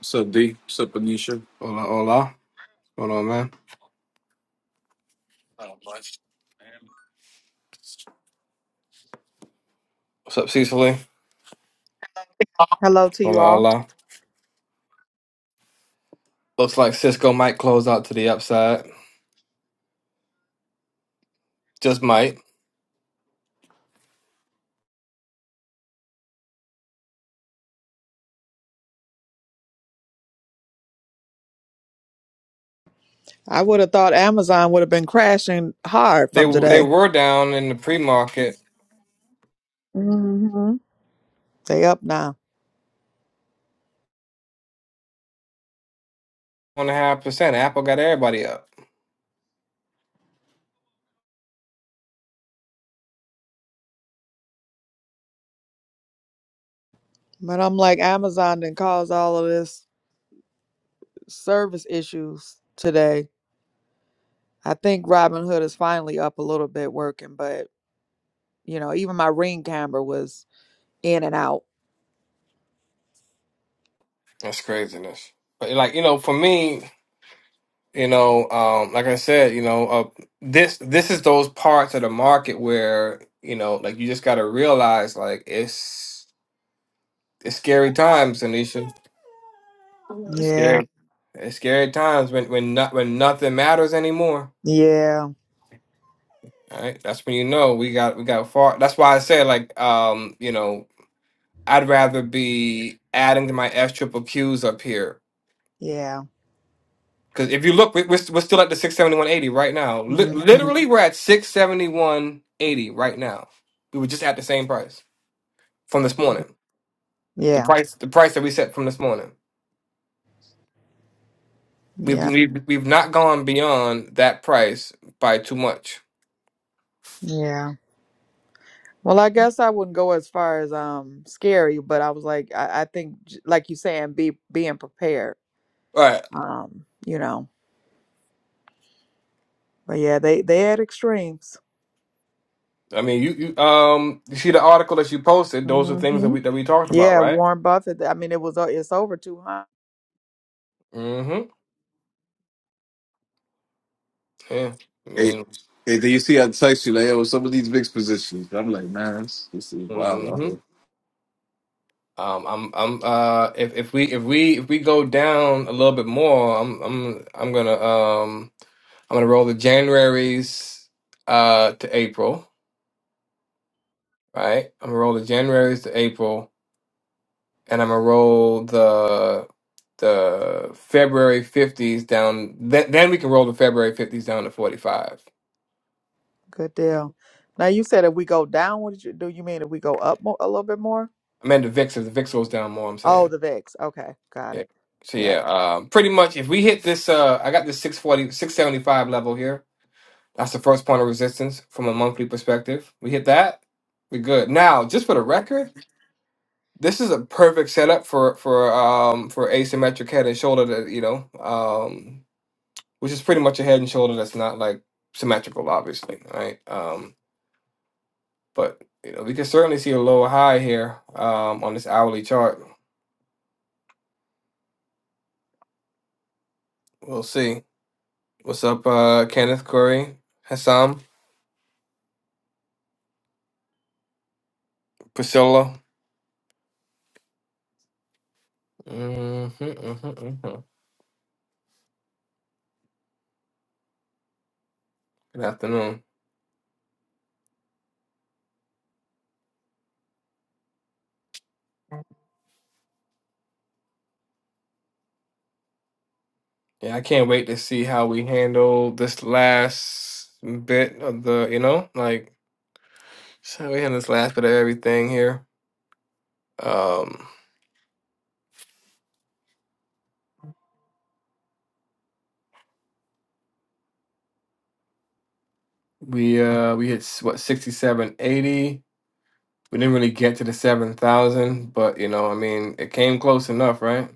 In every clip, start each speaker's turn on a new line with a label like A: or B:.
A: So D? so Panisha,
B: Hola, hola. What's going on, man? What's up, Cecily?
C: Hello to you
B: Hola,
C: all.
B: hola. Looks like Cisco might close out to the upside. Just might.
C: I would have thought Amazon would have been crashing hard
B: They
C: from
B: they
C: today.
B: were down in the pre market
C: hmm They up now.
B: one and a half percent. Apple got everybody up.
C: But I'm like, Amazon didn't cause all of this service issues today. I think Robinhood is finally up a little bit working, but you know, even my ring camera was in and out.
B: That's craziness. But like you know, for me, you know, um, like I said, you know, uh, this this is those parts of the market where you know, like you just got to realize, like it's it's scary times, Anisha.
C: Yeah.
B: It's scary times when when not when nothing matters anymore
C: Yeah.
B: All right, that's when you know we got we got far. That's why I said like um you know I'd rather be adding to my F triple Qs up here
C: Yeah.
B: because if you look we- we're, st- we're still at the six seventy one eighty right now. Li-
C: hmm
B: literally we're at six seventy one eighty right now. We were just at the same price from this morning. The
C: Yeah.
B: price the price that we set from this morning. We've
C: Yeah.
B: we've, we've not gone beyond that price by too much.
C: Yeah. Well, I guess I wouldn't go as far as um scary, but I was like, I, I think, j- like you saying, be being prepared.
B: All right.
C: Um, you know, but yeah, they they had extremes.
B: I mean you, you um you see the article that you posted. Those are things that
C: hmm
B: we that we talked about,
C: Yeah,
B: right?
C: Warren Buffett. I mean, it was o- it's over two hundred.
B: Mm-hmm. Yeah, I
A: Hey,
B: mean,
A: hey, do you see I text you like, yo, some of these mixed positions? I'm like, man, this, this is wild out
B: hmm
A: here.
B: um, I'm, I'm, uh, if if we if we if we go down a little bit more, I'm, I'm, I'm gonna, um, I'm gonna roll the Januaries, uh, to April, right? I'm gonna roll the Januaries to April, and I'm gonna roll the the February 50s down. Then then we can roll the February 50s down to 45.
C: Good deal. Now you said if we go down, what did you do? You mean if we go up mo- a little bit more?
B: I meant the VIX. If the VIX goes down more, I'm saying.
C: Oh, the VIX. Okay, got
B: Yeah.
C: it.
B: So
C: Yeah,
B: yeah, um, pretty much if we hit this, uh, I got this six forty six seventy five level here. That's the first point of resistance from a monthly perspective. We hit that, we're good. Now, just for the record, this is a perfect setup for for um for asymmetric head and shoulder that you know, um, which is pretty much a head and shoulder that's not like symmetrical, obviously, right? Um, but you know, we can certainly see a lower high here um on this hourly chart. We'll see. What's up, uh, Kenneth, Corey, Hassam? Priscilla. hmm hmm mhm. Good afternoon. Yeah, I can't wait to see how we handle this last bit of the, you know, like so we handle this last bit of everything here. Um, we uh we hit s- what sixty seven eighty. We didn't really get to the seven thousand, but you know, I mean, it came close enough, right?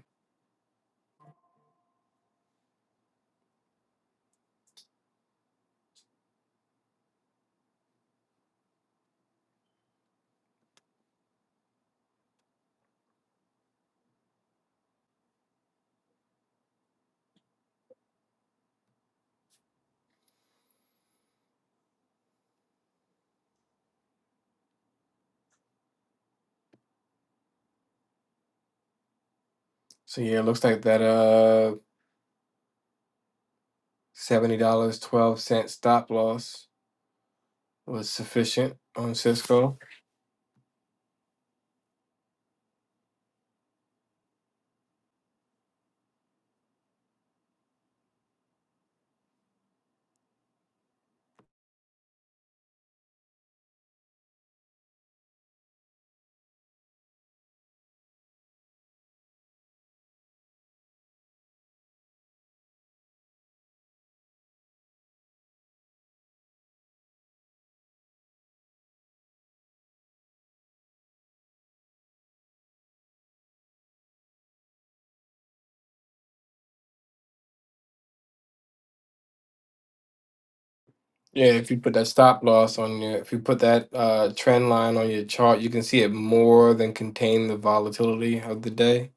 B: So yeah, it looks like that uh seventy dollars twelve cent stop loss was sufficient on Cisco. Yeah, if you put that stop loss on your, if you put that uh, trend line on your chart, you can see it more than contain the volatility of the day.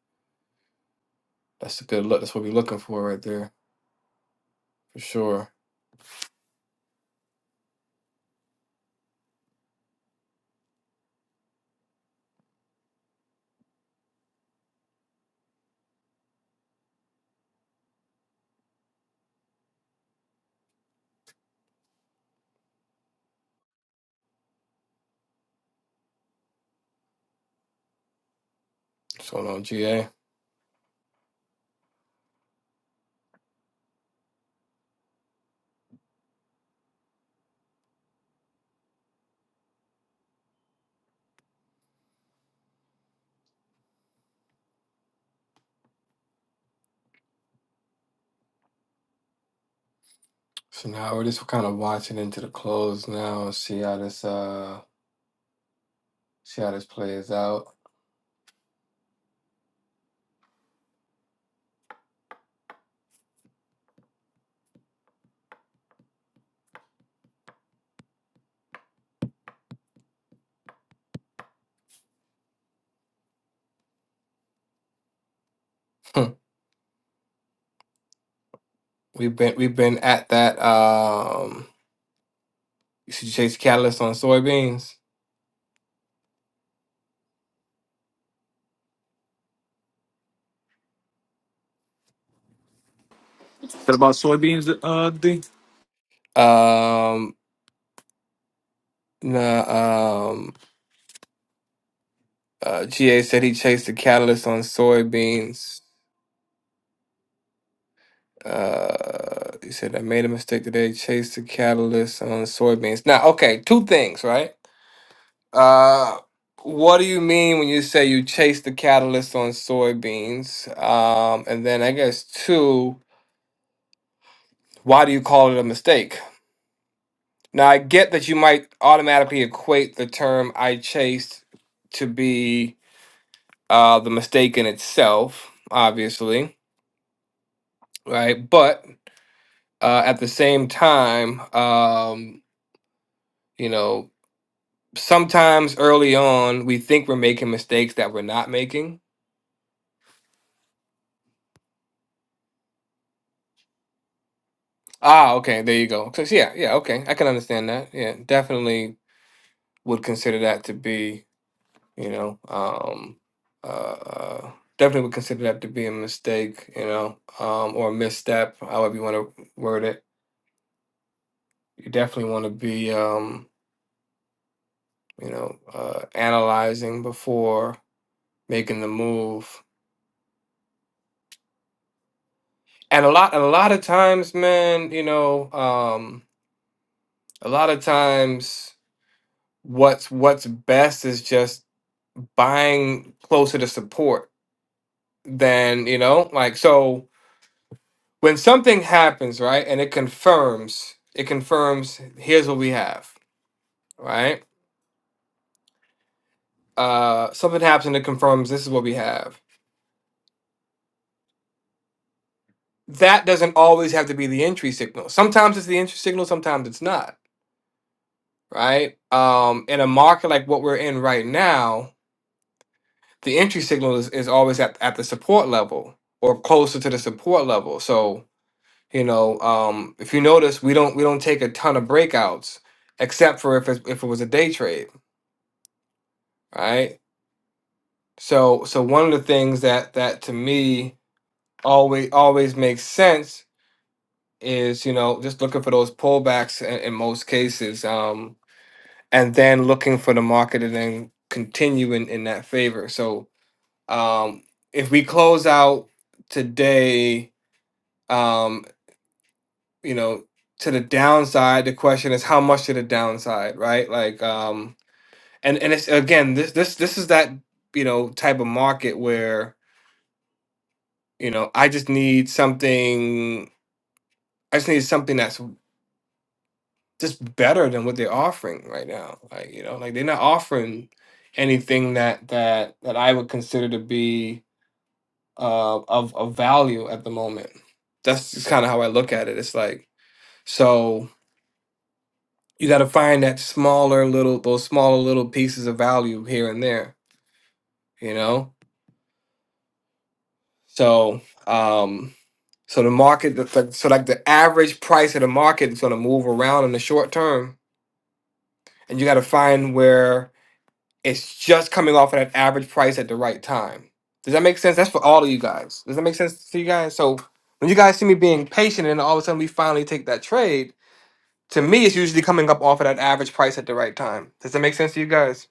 B: That's a good look. That's what we're looking for right there, for sure. What's going on, GA? So now we're just kind of watching into the close now. and See how this uh, see how this plays out. Hmm. we've been we've been at that. Um, you see Chase Catalyst on soybeans.
A: What about soybeans, uh, D?
B: Um, nah, um, uh, GA said he chased the catalyst on soybeans Uh, he said, I made a mistake today. Chased the catalyst on soybeans. Now, okay, two things, right? Uh, what do you mean when you say you chased the catalyst on soybeans? Um, and then I guess two, why do you call it a mistake? Now, I get that you might automatically equate the term I chased to be uh, the mistake in itself, obviously, right? But uh, at the same time, um, you know, sometimes early on we think we're making mistakes that we're not making. Ah, okay, there you go. 'Cause yeah, yeah, okay, I can understand that. Yeah, definitely would consider that to be, you know, um, uh, uh, definitely would consider that to be a mistake, you know, um, or a misstep, however you want to word it. You definitely want to be, um, you know, uh, analyzing before making the move. And a lot, and a lot of times, man, you know, um, a lot of times what's what's best is just buying closer to support than you know like so when something happens right and it confirms it confirms here's what we have right uh something happens and it confirms this is what we have that doesn't always have to be the entry signal sometimes it's the entry signal sometimes it's not right um in a market like what we're in right now the entry signal is, is always at, at the support level or closer to the support level so You know, um, if you notice, we don't we don't take a ton of breakouts, except for if it, if it was a day trade, right? So so one of the things that that to me always always makes sense is you know just looking for those pullbacks in, in most cases, um, and then looking for the market to then continue in, in that favor. So um, if we close out today. Um, you know to the downside the question is how much to the downside right like um and and it's again this this this is that you know type of market where you know i just need something i just need something that's just better than what they're offering right now like you know like they're not offering anything that that that i would consider to be uh of of value at the moment that's just kind of how i look at it it's like so you got to find that smaller little those smaller little pieces of value here and there you know so um so the market the, the- so like the average price of the market is going to move around in the short term and you got to find where it's just coming off of that average price at the right time does that make sense that's for all of you guys does that make sense to you guys so when you guys see me being patient and all of a sudden we finally take that trade to me it's usually coming up off of that average price at the right time does that make sense to you guys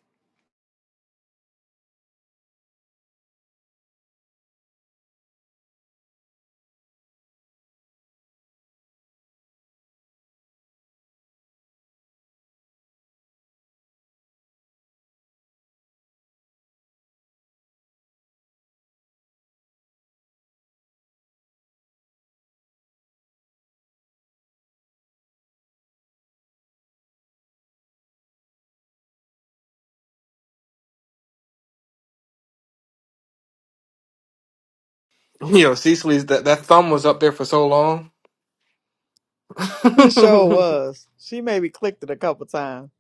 B: You know, Cecily, that that thumb was up there for so long. nah,
C: it sure was. She maybe clicked it a couple times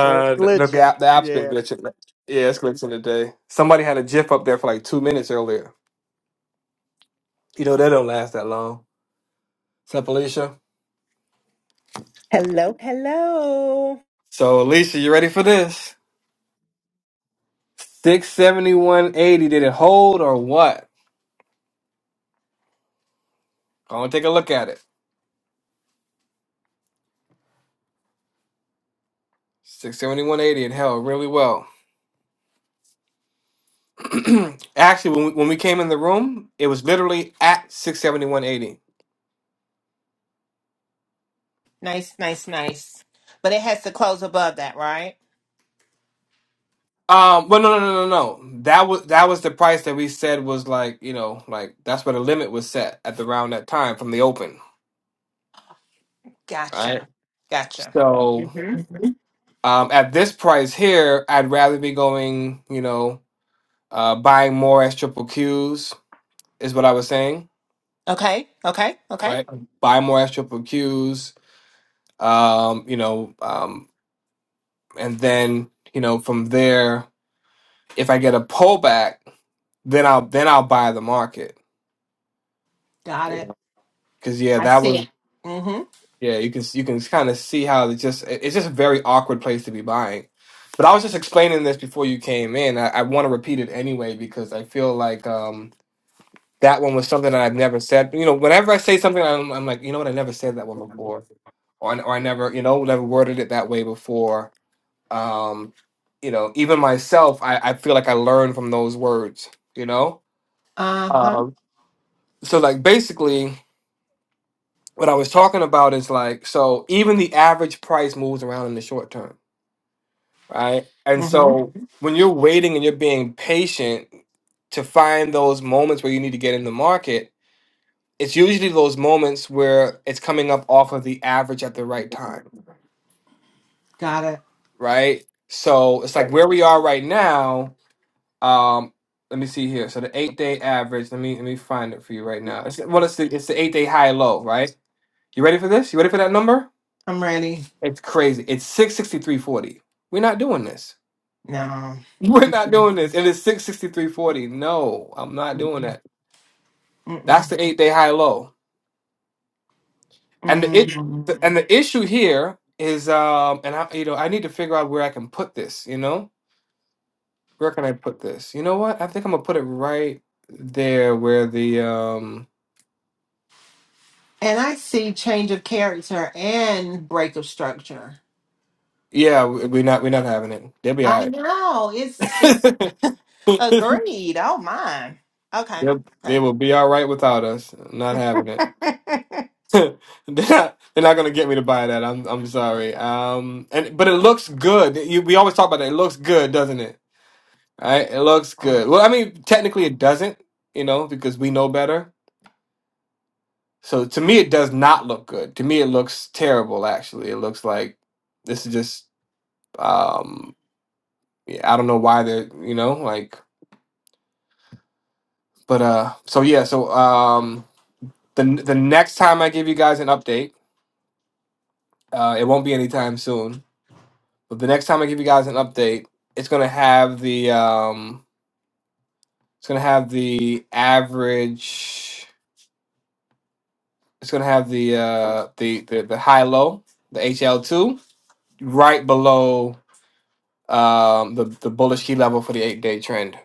C: or it's
B: the, the
C: glitching.
B: app the app's been
C: Yeah,
B: glitching. Yeah, it's glitching today. Somebody had a GIF up there for like two minutes earlier. You know that don't last that long. Sup, Alicia?
D: Hello, hello.
B: So, Alicia, you ready for this? Six seventy one eighty. Did it hold or what? Go and take a look at it. Six seventy one eighty. It held really well. Actually, when we, when we came in the room, it was literally at six seventy one eighty.
D: Nice, nice, nice. But it has to close above that, right?
B: Um, well, no, no, no, no, no. That was that was the price that we said was like you know like that's where the limit was set at the round that time from the open, right?
D: Gotcha. Gotcha.
B: So
D: Mm-hmm.
B: um, at this price here, I'd rather be going you know uh, buying more as triple Qs is what I was saying,
D: Okay. Okay. Okay.
B: right? Buy more as triple Qs, um, you know, um, and then you know from there, if I get a pullback, then I'll then I'll buy the market.
D: Got
B: Because
D: it.
B: yeah, 'Cause, yeah,
D: I
B: that
D: see
B: was.
D: it. Mm-hmm.
B: Yeah, you can you can kind of see how it's just it- it's just a very awkward place to be buying. But I was just explaining this before you came in. I, I want to repeat it anyway because I feel like um, that one was something that I've never said. You know, whenever I say something, I'm, I'm like, you know what, I never said that one before, or I- or I never, you know, never worded it that way before. Um, you know, even myself, I, I feel like I learned from those words. You know,
D: Uh-huh.
B: um, so like basically. what I was talking about is like so even the average price moves around in the short term, right? And
D: Mm-hmm.
B: so Mhm. when you're waiting and you're being patient to find those moments where you need to get in the market, it's usually those moments where it's coming up off of the average at the right time,
D: Got
B: right? So it's like
D: it.
B: where we are right now. Um, let me see here. So the eight day average. Let me let me find it for you right now. It's, well, it's the it's the eight day high low, right? You ready for this? You ready for that number?
D: I'm ready.
B: It's crazy. It's 663.40. We're not doing this.
D: No.
B: We're not doing this. And it's 663.40. No, I'm not doing
D: Mm-mm.
B: that.
D: Mm-mm.
B: That's the eight day high low. And the it the-
D: Mm-mm.
B: and the issue here is um and I you know I need to figure out where I can put this, you know? Where can I put this? You know what? I think I'm gonna put it right there where the um
D: And I see change of character and break of structure.
B: yeah, we- we're not we're not having it. They'll be
D: I
B: all
D: know. It's it's
B: right.
D: agreed. Oh my. Okay.
B: They'll-
D: okay.
B: they will be all right without us. Not having it. they're not, they're not gonna get me to buy that. I'm I'm sorry. Um, and but it looks good. You, we always talk about that. It looks good, doesn't it? Right? It looks
D: Uh,
B: good. Well, I mean, technically it doesn't, you know, because we know better. So to me, it does not look good. To me, it looks terrible. Actually, it looks like this is just. Um, yeah, I don't know why they're you know like, but uh, so yeah, so um, the the next time I give you guys an update, uh, it won't be anytime soon But the next time I give you guys an update, it's gonna have the um, it's gonna have the average. It's gonna have the uh, the the, the high low, the HL two, right below um, the the bullish key level for the eight day trend.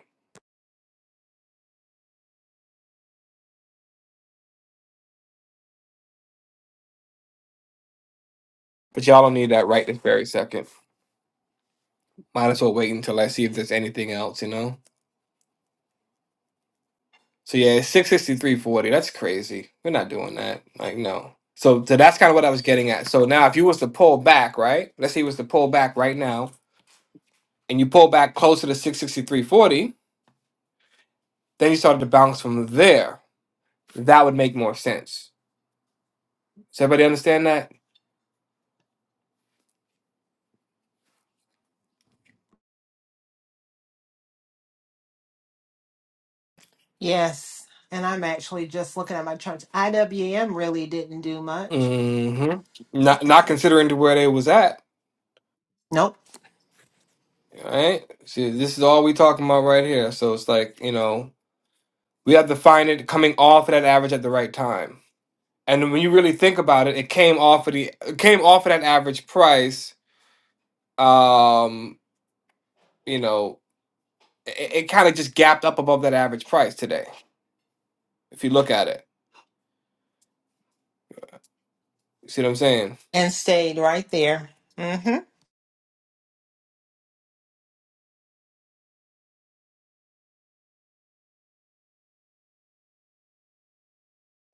B: But y'all don't need that right this very second. Might as well wait until I see if there's anything else, you know. So yeah, it's six sixty three forty. That's crazy. We're not doing that. Like no. So, so that's kind of what I was getting at. So now, if you was to pull back, right? Let's say you was to pull back right now and you pull back closer to 663.40, then you started to bounce from there. That would make more sense. Does everybody understand that?
D: Yes. And I'm actually just looking at my charts. IWM really didn't do much.
B: hmm Not not considering to where they was at.
D: Nope.
B: All Right? See, this is all we talking about right here. So it's like, you know, we have to find it coming off of that average at the right time. And when you really think about it, it came off of the it came off of that average price. Um, you know, it, it kind of just gapped up above that average price today, if you look at it. see what I'm saying?
D: And stayed right there. Mm-hmm.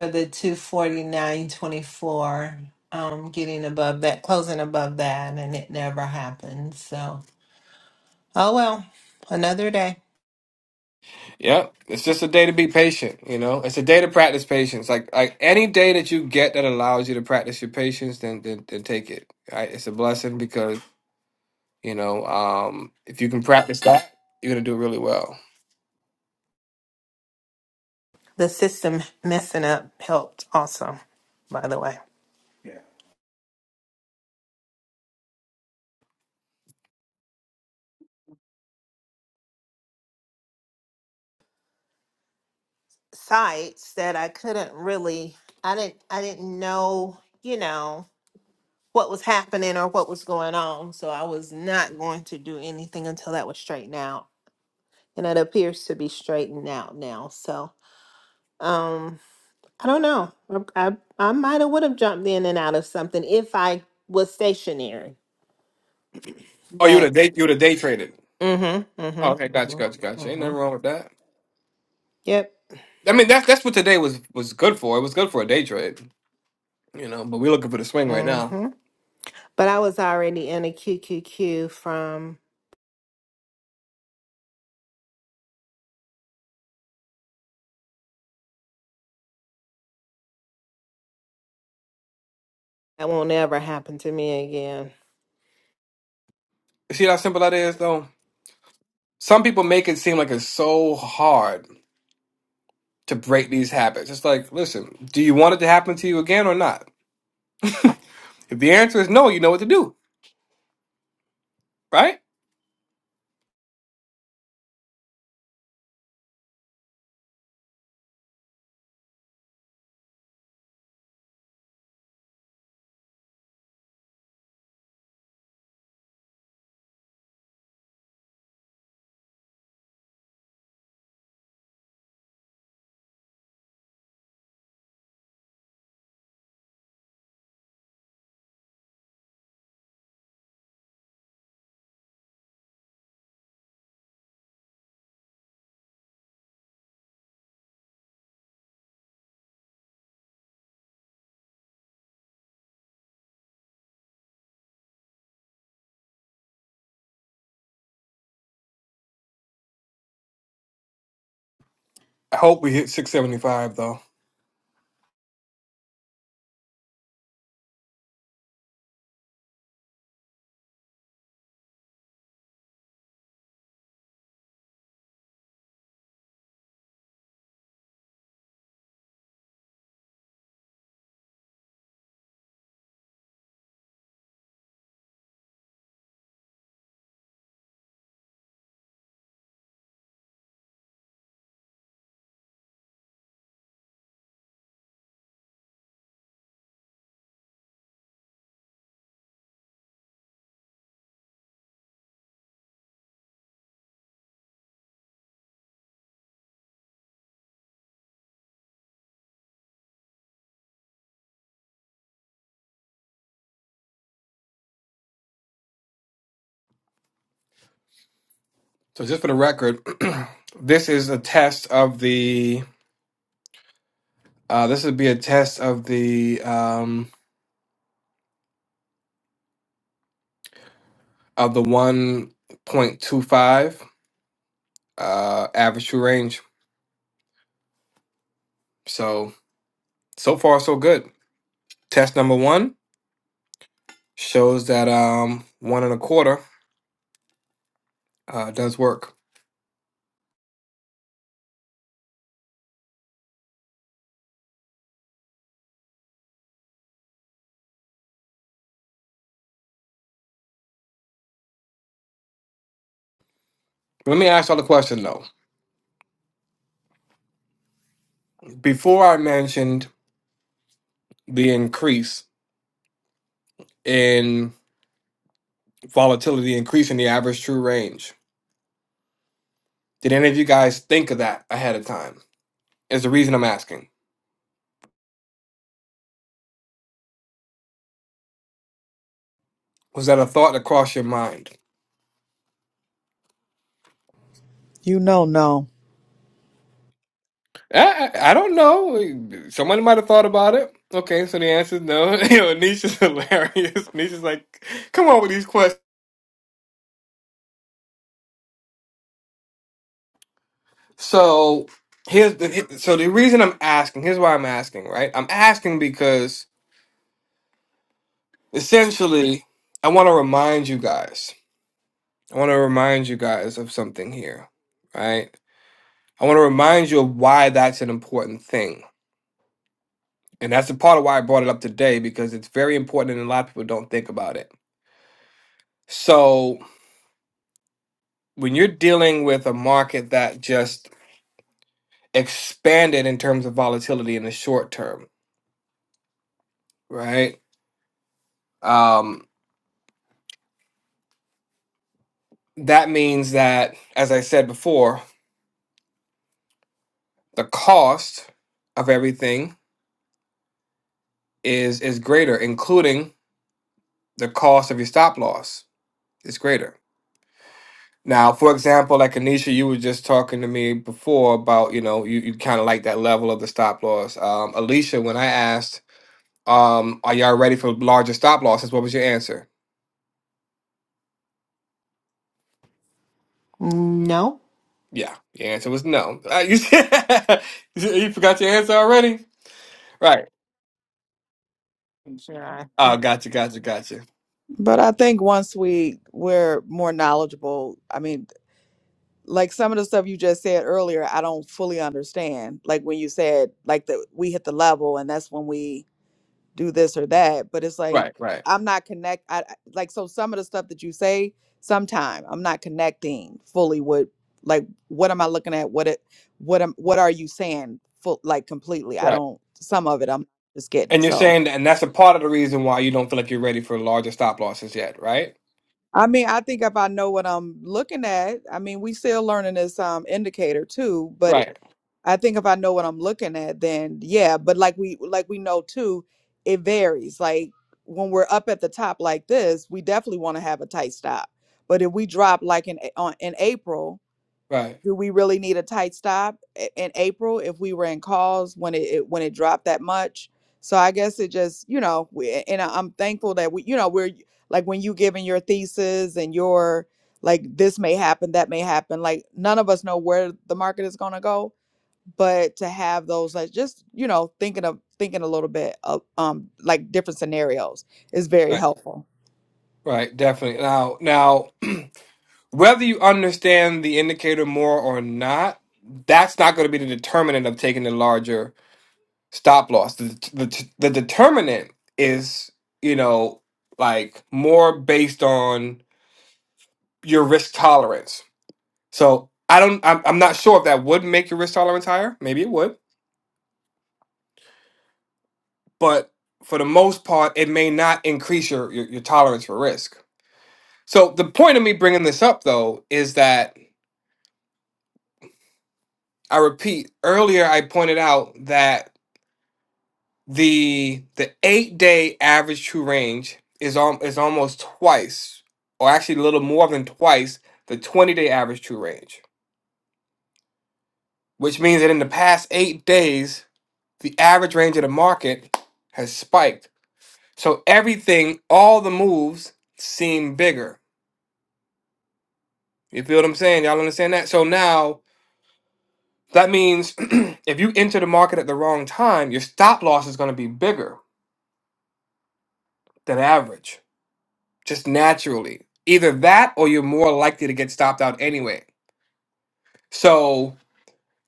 D: For the 249.24, um, getting above that, closing above that, and it never happened. So, oh well, another day.
B: Yep. It's just a day to be patient, you know? It's a day to practice patience. Like like any day that you get that allows you to practice your patience, then then, then take it. Right? It's a blessing because, you know, um if you can practice that, you're gonna do really well.
D: The system messing up helped also, by the way. Sites that I couldn't really, I didn't, I didn't know, you know. what was happening or what was going on. So I was not going to do anything until that was straightened out. And it appears to be straightened out now. So um I don't know. I I, I might have would have jumped in and out of something if I was stationary.
B: Oh, you would
D: But
B: have day you would have day traded.
D: mm-hmm.
B: Okay,
D: Mm-hmm.
B: gotcha, gotcha,
D: Mm-hmm.
B: gotcha. Ain't
D: Mm-hmm.
B: nothing wrong with that.
D: Yep.
B: I mean, that's that's what today was was good for. It was good for a day trade, you know. But we're looking for the swing right now.
D: Mm-hmm. But I was already in a QQQ from that won't ever happen to me again.
B: See how simple that is, though. Some people make it seem like it's so hard to break these habits. It's like, listen, do you want it to happen to you again or not? If the answer is no, you know what to do, right? I hope we hit 675 though. So just for the record, this is a test of the. Uh, this would be a test of the. um, of the 1.25 uh, average true range. So, so far, so good. Test number one shows that um, one and a quarter uh, does work. Let me ask y'all a question though. Before I mentioned the increase in volatility, increase in the average true range, did any of you guys think of that ahead of time? Is the reason I'm asking. Was that a thought that crossed your mind?
C: you know, no.
B: I, I I don't know. Someone might have thought about it. Okay, so the answer is no. You know, Nisha's hilarious. Nisha's like, come on with these questions. So here's the so the reason I'm asking. Here's why I'm asking. Right, I'm asking because essentially I want to remind you guys. I want to remind you guys of something here. Right. I want to remind you of why that's an important thing, and that's the part of why I brought it up today because it's very important and a lot of people don't think about it. So when you're dealing with a market that just expanded in terms of volatility in the short term, right? Um, that means that, as I said before, the cost of everything is is greater, including the cost of your stop loss is greater. Now, for example, like Anisha, you were just talking to me before about, you know, you, you kind of like that level of the stop loss. Um, Alicia, when I asked, um, are y'all ready for larger stop losses? What was your answer?
D: No.
B: Yeah, the answer was no. Uh, you, you forgot your answer already? Right.
D: Sure.
B: Oh, gotcha, gotcha, gotcha.
C: But I think once we we're more knowledgeable, I mean, like some of the stuff you just said earlier, I don't fully understand. Like when you said like that we hit the level and that's when we do this or that, but it's like
B: Right, right,
C: I'm not connect I I- like so some of the stuff that you say sometime I'm not connecting fully with like what am I looking at? What it what am what are you saying full like completely? I
B: right.
C: don't some of it I'm just getting.
B: And you're
C: So
B: saying, and that's a part of the reason why you don't feel like you're ready for larger stop losses yet, right?
C: I mean, I think if I know what I'm looking at, I mean, we still learning this um indicator too, but it-
B: Right,
C: I think if I know what I'm looking at, then yeah, but like we like we know too, it varies. Like when we're up at the top like this, we definitely want to have a tight stop. But if we drop like in A- on in April,
B: right,
C: do we really need a tight stop i- in April if we were in calls when it, it when it dropped that much? So I guess it just you know, we, and I- I'm thankful that we you know we're like when you giving your thesis and your like this may happen, that may happen. Like none of us know where the market is gonna go, but to have those like just you know thinking of thinking a little bit of um like different scenarios is very
B: right,
C: helpful.
B: right. Definitely. Now, now, whether you understand the indicator more or not, that's not going to be the determinant of taking the larger stop loss. The, the, the determinant is, you know, like more based on your risk tolerance. So I don't, I'm, I'm not sure if that would make your risk tolerance higher. Maybe it would, but for the most part, it may not increase your, your, your tolerance for risk. So the point of me bringing this up though is that I repeat earlier, I pointed out that the the eight day average true range is on is almost twice, or actually a little more than twice the 20 day average true range, which means that in the past eight days the average range of the market has spiked. So everything, all the moves seem bigger. You feel what I'm saying? Y'all understand that? So now that means if you enter the market at the wrong time, your stop loss is going to be bigger than average, just naturally. Either that or you're more likely to get stopped out anyway. So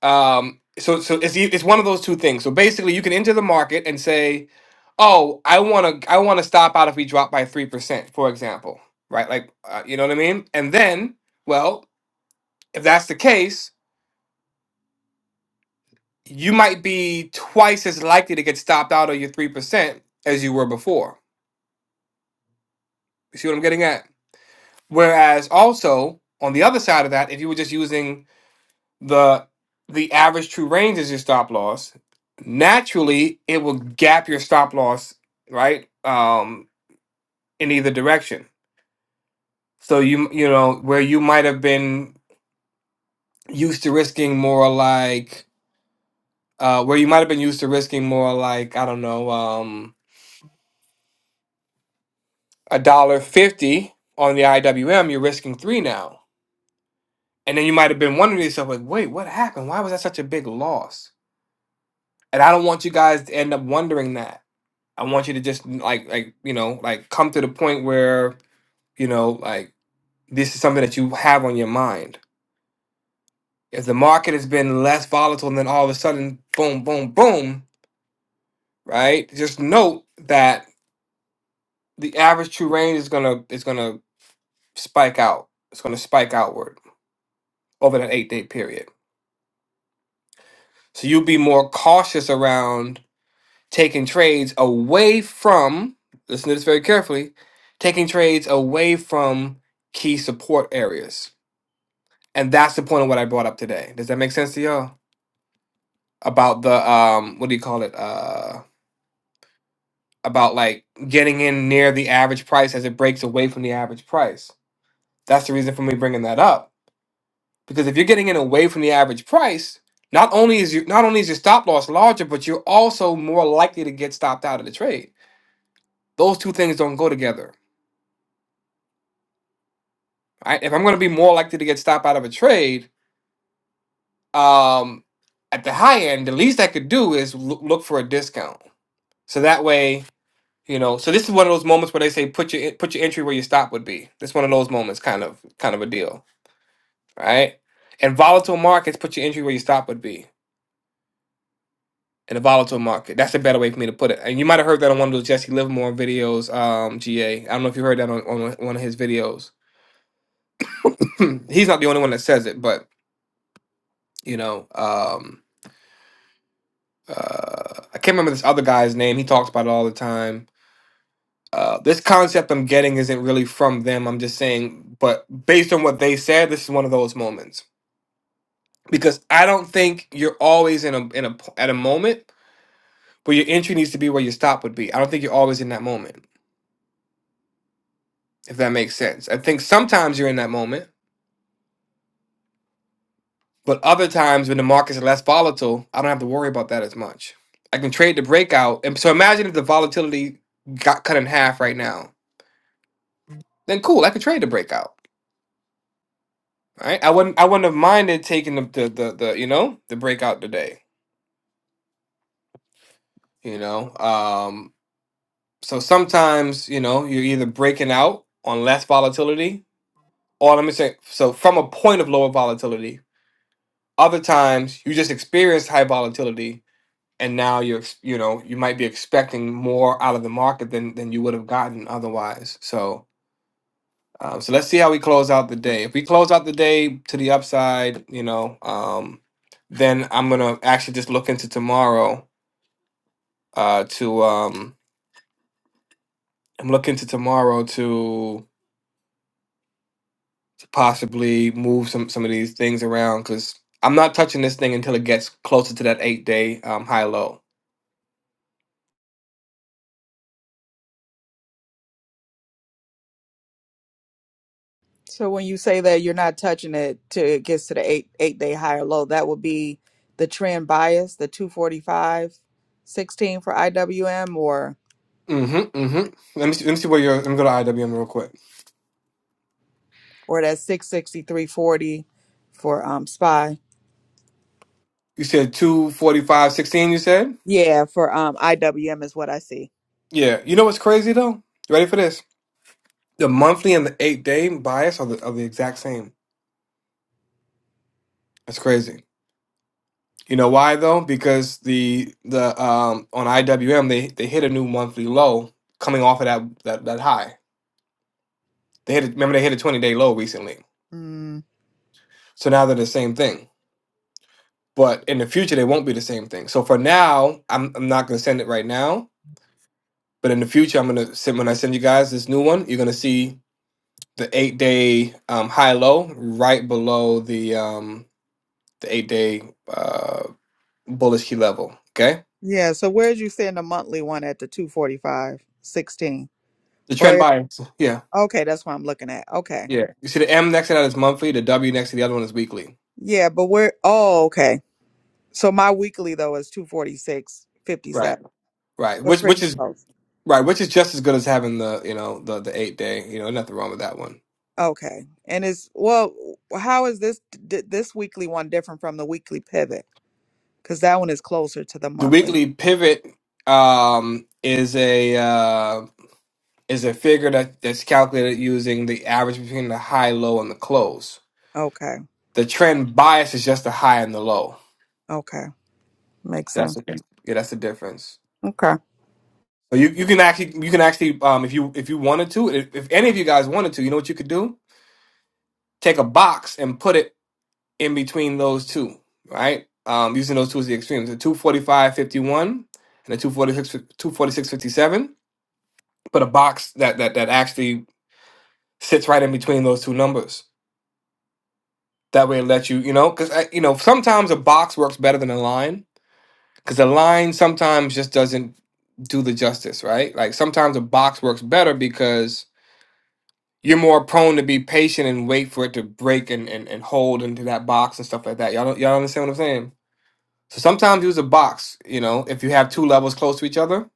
B: Um, so so it's e- it's one of those two things. So basically, you can enter the market and say, "Oh, I want to I want to stop out if we drop by three percent," for example, right? Like, uh, you know what I mean? And then, well, if that's the case, you might be twice as likely to get stopped out of your three percent as you were before. You see what I'm getting at? Whereas also on the other side of that, if you were just using the the average true range is your stop loss. Naturally, it will gap your stop loss, right? Um, in either direction. So you you know where you might have been used to risking more like uh, where you might have been used to risking more like I don't know um a dollar fifty on the IWM, you're risking three now, and then you might have been wondering to yourself like, wait, what happened? Why was that such a big loss? And I don't want you guys to end up wondering that I want you to just like like you know like come to the point where you know like this is something that you have on your mind. If the market has been less volatile, and then all of a sudden, boom, boom, boom, right? Just note that the average true range is gonna is gonna spike out. It's gonna spike outward over that eight day period. So you'll be more cautious around taking trades away from. Listen to this very carefully. Taking trades away from key support areas And that's the point of what I brought up today. Does that make sense to y'all? About the um what do you call it? Uh about like getting in near the average price as it breaks away from the average price. That's the reason for me bringing that up. Because if you're getting in away from the average price, not only is you not only is your stop loss larger, but you're also more likely to get stopped out of the trade. Those two things don't go together. Right? If I'm going to be more likely to get stopped out of a trade, um, at the high end, the least I could do is loo- look for a discount. So that way, You know, so this is one of those moments where they say put your put your entry where your stop would be. This one of those moments, kind of kind of a deal, right? And volatile markets, put your entry where your stop would be in a volatile market. That's a better way for me to put it. And you might have heard that on one of those Jesse Livermore videos, um, GA. I don't know if you heard that on, on one of his videos. He's not the only one that says it, but you know, um, uh, I can't remember this other guy's name. He talks about it all the time Uh, this concept I'm getting isn't really from them. I'm just saying, but based on what they said, this is one of those moments because I don't think you're always in a in a p- at a moment where your entry needs to be where your stop would be. I don't think you're always in that moment, if that makes sense. I think sometimes you're in that moment, but other times when the market's less volatile, I don't have to worry about that as much. I can trade the breakout, and so imagine if the volatility got cut in half right now. Then cool, I could trade the breakout Right? I wouldn't I wouldn't have minded taking the the the, the you know the breakout today. You know, um, so sometimes you know you're either breaking out on less volatility, or let me say so from a point of lower volatility. Other times you just experienced high volatility, and now you're ex- you know you might be expecting more out of the market than than you would have gotten otherwise. So Um, so let's see how we close out the day. If we close out the day to the upside, you know, um, then I'm gonna actually just look into tomorrow. Uh, to um, I'm looking to tomorrow to, to possibly move some some of these things around because I'm not touching this thing until it gets closer to that eight day um, high low.
C: So when you say that you're not touching it till it gets to the eight eight day high or low, that would be the trend bias, the two forty five sixteen for IWM or
B: Mm-hmm. Mm-hmm. Let me see, let me see where you're. Let me go to IWM real quick.
C: or that 663.40 for um SPY.
B: You said two forty five sixteen. You said
C: Yeah, for um IWM is what I see.
B: yeah. You know what's crazy though? You ready for this? The monthly and the eight day bias are the, are the exact same. That's crazy. You know why though? Because the the um on IWM they they hit a new monthly low coming off of that that, that high. They hit a, remember they hit a 20 day low recently.
C: Mm.
B: So now they're the same thing. But in the future they won't be the same thing. So for now, I'm I'm not gonna send it right now. But in the future, I'm gonna send when I send you guys this new one, you're gonna see the eight day um, high low right below the um, the eight day. uh, bullish level. Okay,
C: Yeah, so where'd you send the monthly one at the two forty five sixteen?
B: the
C: Or
B: trend
C: if,
B: bias. Yeah,
C: okay, that's what I'm looking at. Okay.
B: yeah. You see the M next to that is monthly. The W next to the other one is weekly.
C: Yeah, but where oh okay. So my weekly though is two forty six fifty
B: Right,
C: seven.
B: right.
C: We're
B: Which
C: pretty
B: which is
C: close.
B: right. Which is just as good as having the you know the the eight day. You know, nothing wrong with that one.
C: Okay. And is well, how is this d- this weekly one different from the weekly pivot? Because that one is closer to the
B: The
C: monthly.
B: weekly pivot um, is a uh, is a figure that that's calculated using the average between the high, low, and the close.
C: Okay.
B: The trend bias is just the high and the low.
C: Okay. Makes
B: That's
C: sense.
B: the yeah. That's the difference.
C: Okay.
B: So you, you can actually you can actually um if you if you wanted to if, if any of you guys wanted to you know what you could do take a box and put it in between those two right um using those two as the extremes the 245.51 and the 246 246.57 put a box that that that actually sits right in between those two numbers that way it lets you you know because you know sometimes a box works better than a line because a line sometimes just doesn't do the justice right like sometimes a box works better because you're more prone to be patient and wait for it to break and, and, and hold into that box and stuff like that. Y'all don't y'all understand what I'm saying? So sometimes use a box, you know, if you have two levels close to each other,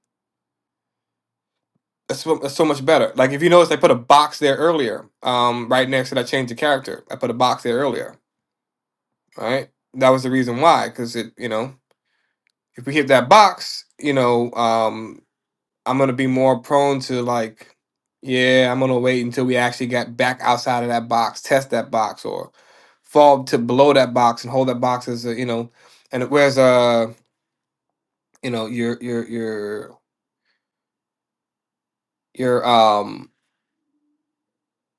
B: that's, so- that's so much better. Like if you notice, I put a box there earlier, um, right next to that change of character. I put a box there earlier, right? That was the reason why, because it, you know, if we hit that box, you know, um. I'm gonna be more prone to like, yeah, I'm gonna wait until we actually get back outside of that box, test that box, or fall to below that box and hold that box as a, you know, and whereas uh, you know, your your your your um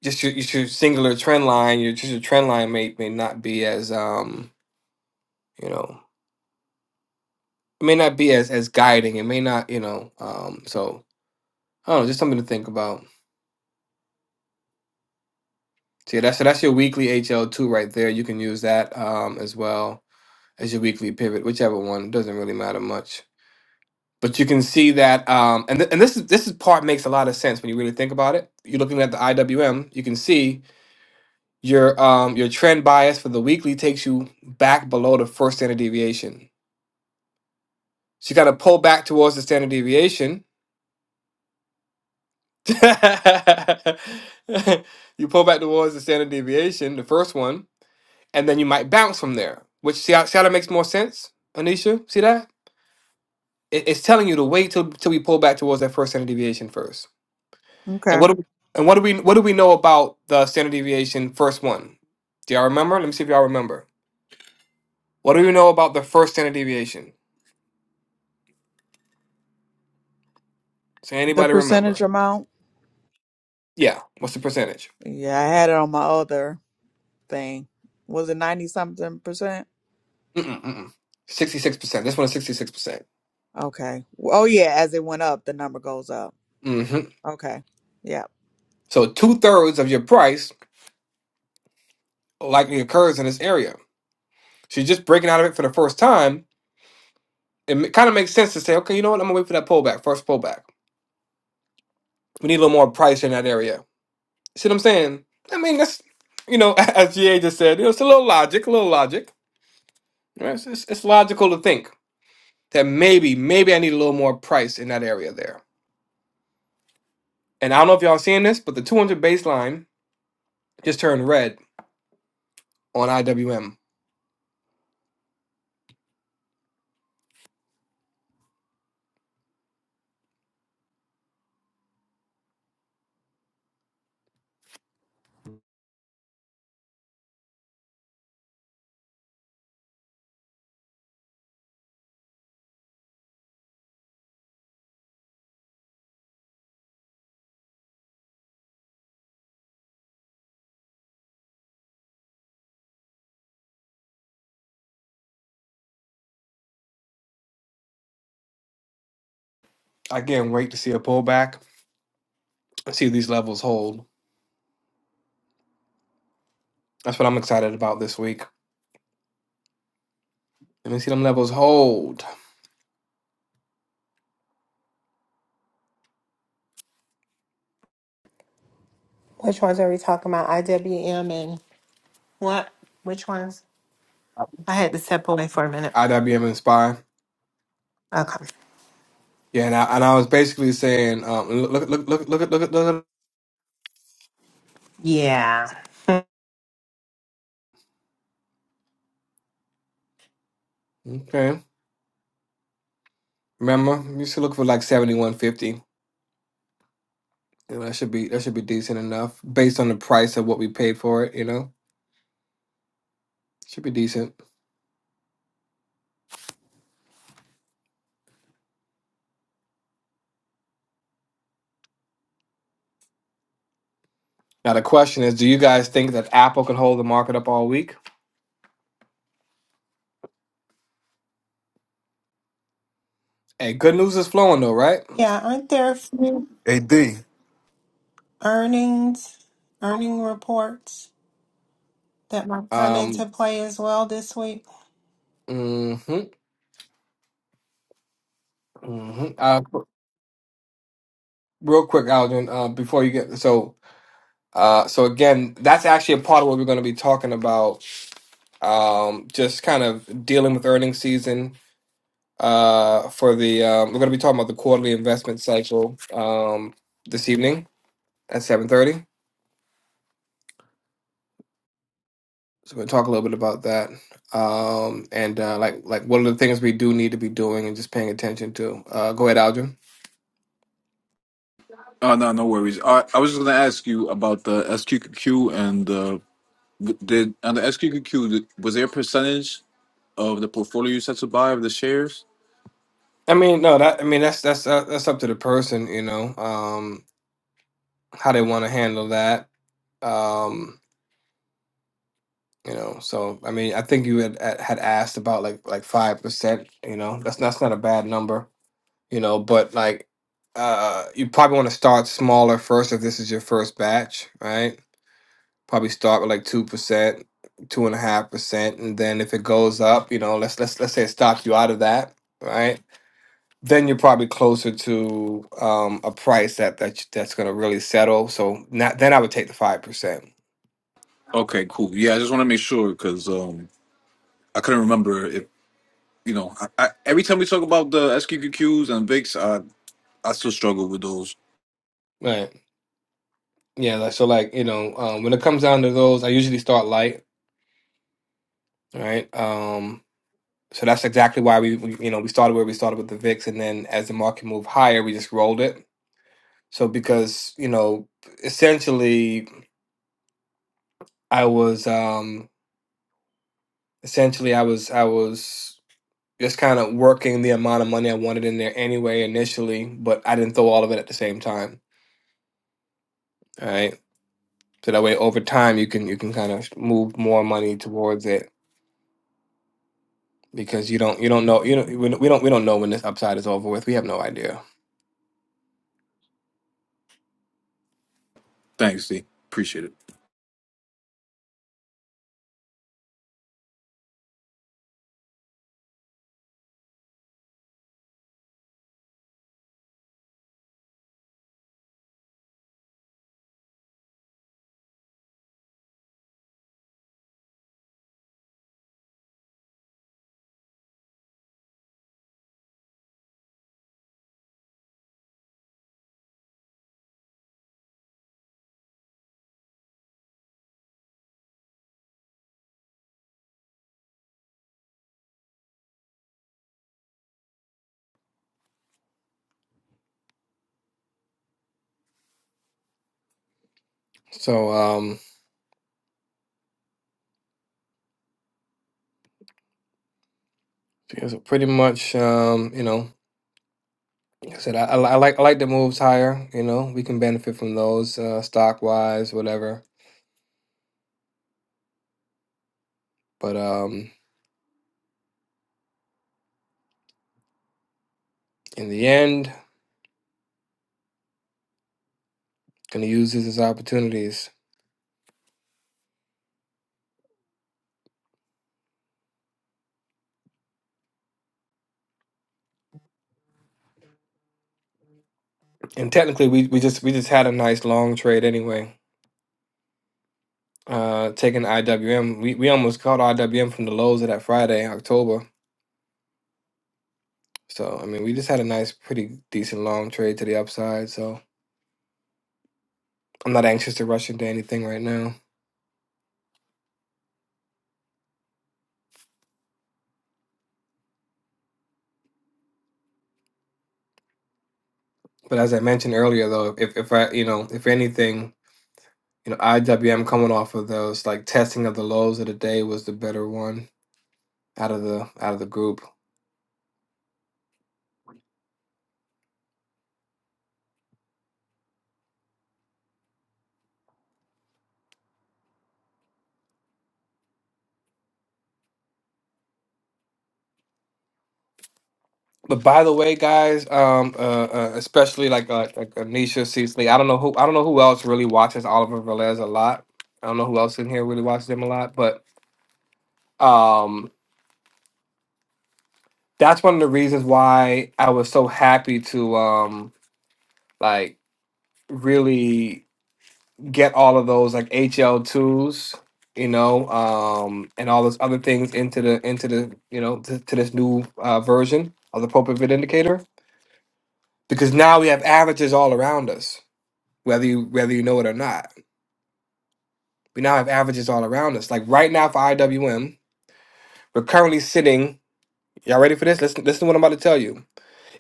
B: just your, just your singular trend line, your just your trend line may may not be as um, you know, it may not be as as guiding. It may not, you know, um, so I don't know, just something to think about. So yeah, that's so that's your weekly HL two right there. You can use that um as well as your weekly pivot, whichever one. doesn't really matter much. But you can see that, um, and th- and this is this is part makes a lot of sense when you really think about it. You're looking at the IWM. You can see your um, your trend bias for the weekly takes you back below the first standard deviation. So you got to pull back towards the standard deviation. you pull back towards the standard deviation, the first one, and then you might bounce from there. Which see how, see how that makes more sense, Anisha? See that? It, it's telling you to wait till till we pull back towards that first standard deviation first. And
C: Okay.
B: what do we, and what do we what do we know about the standard deviation first one? Do y'all remember? Let me see if y'all remember. What do we know about the first standard deviation? Does
C: The
B: anybody
C: percentage
B: remember?
C: amount?
B: Yeah. What's the percentage?
C: Yeah, I had it on my other thing. Was it 90 something percent?
B: Mm-mm, mm-mm. 66%. This one is 66%.
C: Okay. Oh yeah, as it went up, the number goes up.
B: hmm
C: Okay. Yeah.
B: So two thirds of your price likely occurs in this area. So you're just breaking out of it for the first time. It kind of makes sense to say, okay, you know what? I'm going to wait for that pullback, first pullback. We need a little more price in that area. See what I'm saying? I mean, that's you know, as GA just said, you know, it's a little logic, a little logic. Right? It's, it's, it's logical to think that maybe, maybe I need a little more price in that area there. And I don't know if y'all seeing this, but the 200 baseline just turned red on IWM. I can't wait to see a pullback and see if these levels hold. That's what I'm excited about this week. Let me see them levels hold.
D: Which ones are we talking about? IWM What? Which ones? I had to step away for a minute.
B: IWM and SPY.
D: Okay.
B: Yeah, and I, and I was basically saying, um, look, look, look, look, look, at- look, look,
D: Yeah.
B: okay. Remember, you should look for like 7150. You that should be that should be decent enough based on the price of what we paid for it. You know, should be decent. Now the question is, do you guys think that Apple can hold the market up all week? Hey, good news is flowing though, right?
D: Yeah, aren't there a few
A: Hey D,
D: earnings, earning reports that might come into
B: Um,
D: play as well this week?
B: hmm hmm Uh, real quick, Algin, uh, before you get so. Uh, so again, that's actually a part of what we're going to be talking about. Um, just kind of dealing with earnings season. Uh, for the um, we're going to be talking about the quarterly investment cycle. Um, this evening at seven thirty. So we're gonna talk a little bit about that, um, and uh, like like what are the things we do need to be doing and just paying attention to. Uh, go ahead, Aldrin.
A: Oh no, no worries. I, I was just gonna ask you about the SQQQ and uh, w- did on the SQQQ th- was there a percentage of the portfolio you said to buy of the shares?
B: I mean, no, that I mean that's that's uh, that's up to the person, you know, um, how they want to handle that, um, you know. So I mean, I think you had had asked about like like five percent, you know. That's that's not a bad number. you know but like uh you probably want to start smaller first if this is your first batch right probably start with like two percent two and a half percent and then if it goes up you know let's let's let's say it stops you out of that right then you're probably closer to um a price that that that's going to really settle so not, then i would take the five percent
A: Okay, cool. Yeah, I just want to make sure because um, I couldn't remember if you know. I, I, every time we talk about the SQQQs and VIX, I I still struggle with those.
B: right yeah like- so like you know um, when it comes down to those i usually start light All right. Um, so that's exactly why we, we, you know, we started where we started with the VIX, and then as the market moved higher, we just rolled it. So because you know, essentially, I was, um, essentially, I was, I was just kind of working the amount of money I wanted in there anyway initially, but I didn't throw all of it at the same time. All right. So that way, over time, you can you can kind of move more money towards it because you don't you don't know you know we don't we don't we don't know when this upside is over with. We have no idea.
A: Thanks, D. Appreciate it.
B: So. um. So, Yeah, so pretty much, um, you know, like I said I, I, li- I like I like the moves higher. You know, we can benefit from those uh, stock wise, whatever. But um, in the end, gonna use this as opportunities. And technically, we, we just we just had a nice long trade anyway. Uh, taking IWM, we, we almost caught IWM from the lows of that Friday, October. So I mean, we just had a nice, pretty decent long trade to the upside. So I'm not anxious to rush into anything right now. But as I mentioned earlier, though, if if I you know if anything You know, IWM coming off of those like testing of the lows of the day was the better one out of the out of the group. But by the way, guys, um, uh, uh, especially like uh, like Anisha Cecily, I don't know who I don't know who else really watches Oliver Velez a lot. I don't know who else in here really watches him a lot, but um, that's one of the reasons why I was so happy to um, like really get all of those like HL2s, you know, um, and all those other things into the into the you know to, to this new uh, version of the propivit indicator because now we have averages all around us, whether you whether you know it or not. We now have averages all around us. Like right now for IWM, we're currently sitting. Y'all ready for this? Listen, listen to what I'm about to tell you.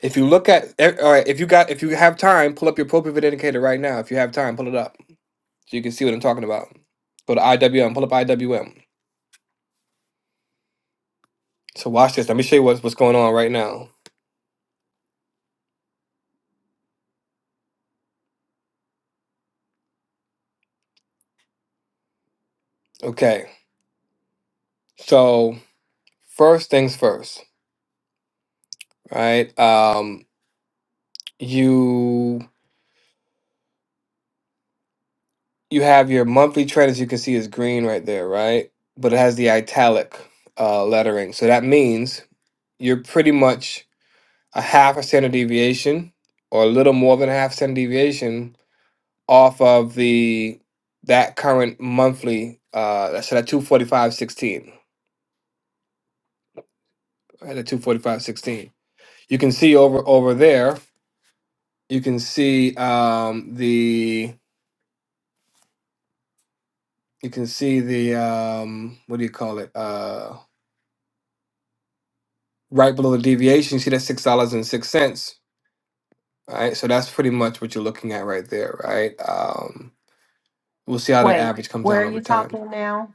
B: If you look at, eh, all right, if you got, if you have time, pull up your propivit indicator right now. If you have time, pull it up so you can see what I'm talking about. Go to IWM, pull up IWM. So watch this. Let me show you what's what's going on right now. Okay. So first things first, right? Um, you you have your monthly trend as you can see is green right there, right? But it has the italic uh, lettering. So that means you're pretty much a half a standard deviation or a little more than a half standard deviation off of the that current monthly uh so that 245.16 right at 245.16 you can see over over there you can see um the you can see the um what do you call it uh right below the deviation you see that six dollars and six cents right so that's pretty much what you're looking at right there right um we'll see how that
D: Wait,
B: average comes
D: where
B: down
D: are
B: over
D: you
B: time
D: talking now?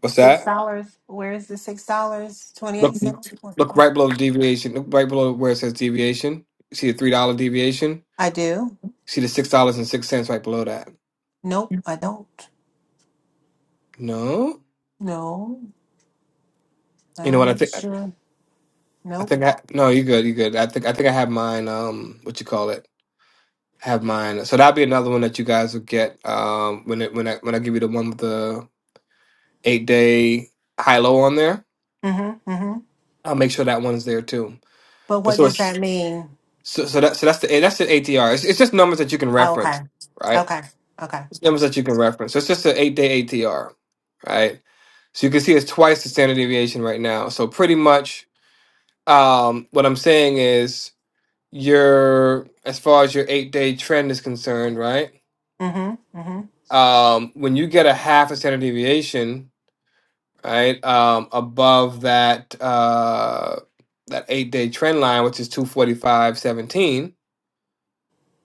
B: what's
D: Six
B: that
D: dollars? Where is the six dollars
B: look
D: twenty-eight cent?
B: look right below the deviation look right below where it says deviation you see the three dollar deviation
D: I do.
B: see the six dollars and six cents right below that
D: Nope, I don't.
B: no
D: No, let
B: you know
D: me
B: what i
D: make
B: think
D: sure.
B: i
D: Nope.
B: think i no you good you good i think i think i have mine um what you call it I have mine. So that'll be another one that you guys will get um, when it, when I when I give you the one with the eight day high low on there.
D: Mm-hmm. Mm-hmm.
B: I'll make sure that one's there too.
D: But
B: But
D: what
B: so
D: does
B: it's,
D: that mean?
B: so so that so that's the that's the ATR. It's, it's just numbers that you can
D: Oh, okay.
B: reference, right?
D: Okay. Okay.
B: It's numbers that you can reference. So it's just an eight day ATR, right? So you can see it's twice the standard deviation right now. So pretty much, um, what I'm saying is your as far as your eight day trend is concerned, right?
D: Mm-hmm. Mm-hmm.
B: Um, when you get a half a standard deviation, right? Um, above that uh, that eight day trend line, which is two forty five seventeen,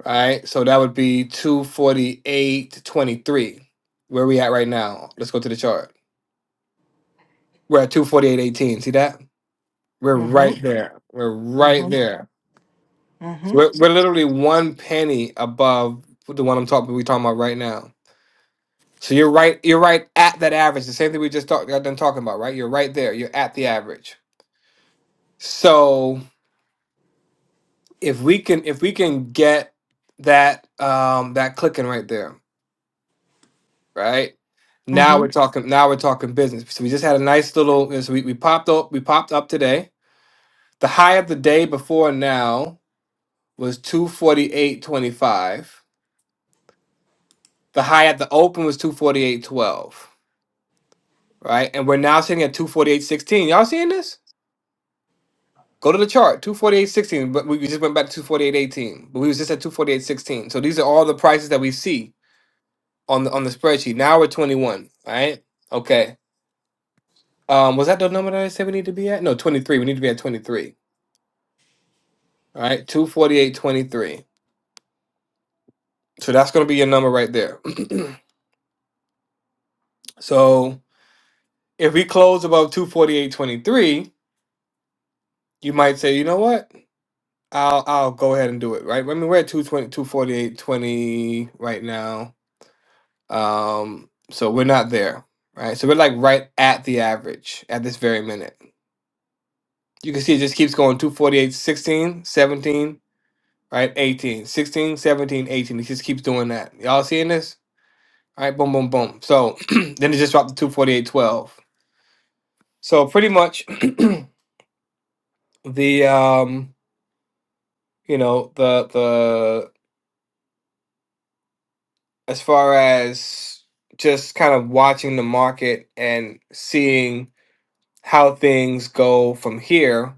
B: right? So that would be two forty eight twenty three. Where we at right now? Let's go to the chart. We're at two forty eight eighteen. See that? We're
D: mm-hmm.
B: right there. We're right
D: Mhm.
B: there. So
D: Mhm.
B: We're, we're literally one penny above the one I'm talking. We talking about right now. So you're right. You're right at that average. The same thing we just talked. Got done talking about, right? You're right there. You're at the average. So if we can if we can get that um that clicking right there right now we're
D: Mhm.
B: talking now we're talking business so we just had a nice little so we, we popped up we popped up today the high of the day before now was 248.25 the high at the open was 248.12 right and we're now sitting at 248.16 y'all seeing this go to the chart 248.16 but we we just went back to 248.18 but we was just at 248.16 so these are all the prices that we see on the on the spreadsheet. Now we're 21, right? Okay. Um, was that the number that I said we need to be at? No, 23. We need to be at 23. All right, 248.23. So that's gonna be your number right there. so if we close above 248.23, you might say, you know what? I'll I'll go ahead and do it, right? I mean, we're at two twenty two forty eight twenty right now. Um, so we're not there, right? So we're like right at the average at this very minute. You can see it just keeps going two forty eight sixteen seventeen right? eighteen, sixteen, seventeen, eighteen. 16, He just keeps doing that. Y'all seeing this? All right, boom, boom, boom. So then it just dropped to 248.12. So pretty much the um, you know, the the as far as just kind of watching the market and seeing how things go from here,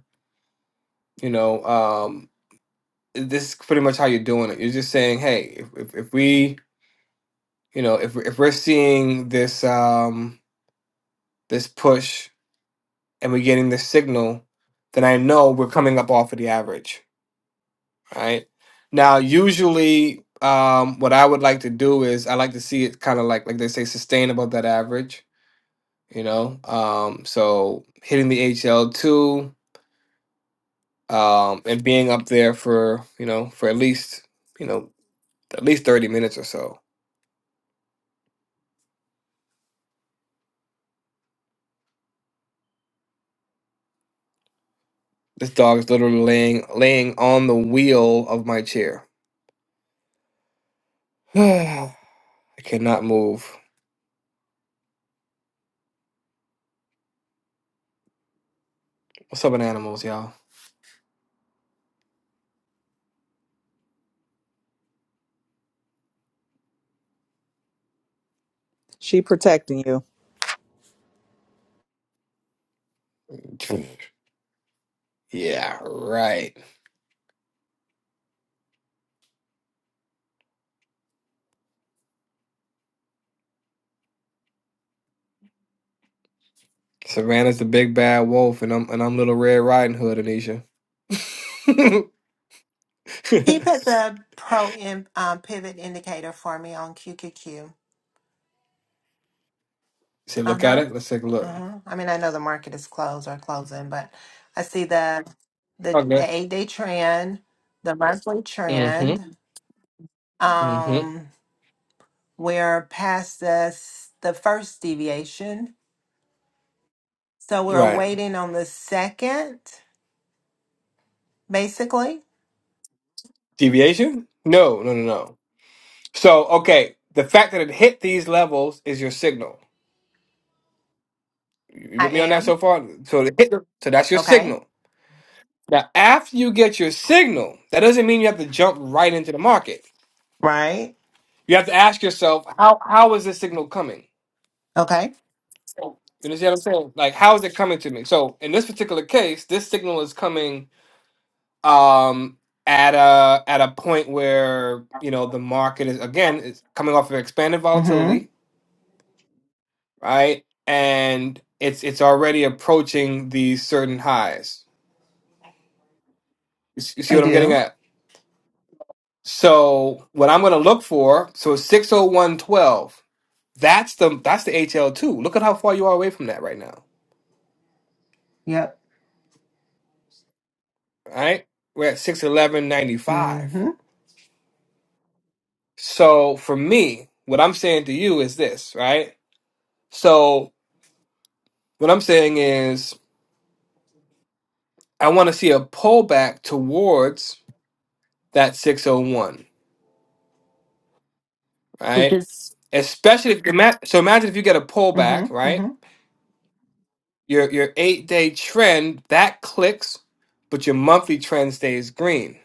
B: you know, um this is pretty much how you're doing it. You're just saying, hey, if if, if we, you know, if if we're seeing this um this push and we're getting the signal, then I know we're coming up off of the average, right? Now, usually, um, what I would like to do is I like to see it kind of like like they say sustain above that average, you know. Um, so hitting the HL two um, and being up there for you know for at least you know at least thirty minutes or so. This dog is literally laying laying on the wheel of my chair. I cannot move. What's up with animals, y'all?
C: She protecting you.
B: Yeah, right. Savannah's the big bad wolf, and I'm and I'm Little Red Riding Hood, Anisha.
D: He puts a pro in, um, pivot indicator for me on QQQ.
B: Say,
D: Uh
B: look at
D: huh.
B: it. Let's take a look.
D: Uh huh. I mean, I know the market is closed or closing, but I see the the
B: Okay.
D: the eight day trend, the monthly
B: Mm-hmm.
D: trend.
B: Mm-hmm.
D: Um, we're past the s- the first deviation, so we're
B: Right.
D: waiting on the second. Basically,
B: Deviation? No, no, no, no. So, okay, the fact that it hit these levels is your signal. You
D: I
B: with me on that
D: am
B: so far? So it hit. So that's your
D: okay.
B: signal. Now, after you get your signal, that doesn't mean you have to jump right into the market.
D: Right.
B: You have to ask yourself, how how is this signal coming?
D: Okay.
B: You understand what I'm saying? Like, how is it coming to me? So in this particular case, this signal is coming um at a at a point where you know the market is again it's coming off of expanded
D: Mm-hmm.
B: volatility, right? And it's it's already approaching these certain highs. You s- you see
D: I
B: what I'm getting
D: do.
B: at? So what I'm going to look for, so 60112, that's the that's the HL2. Look at how far you are away from that right now,
D: Yep.
B: All right? We're at 61195.
D: Mm-hmm.
B: So for me, what I'm saying to you is this, right? So what I'm saying is I want to see a pullback towards that 601,
D: which
B: right?
D: is
B: Especially if ima- so imagine if you get a pullback,
D: Mm-hmm.
B: right?
D: Mm-hmm.
B: Your your 8-day trend that clicks, but your monthly trend stays green.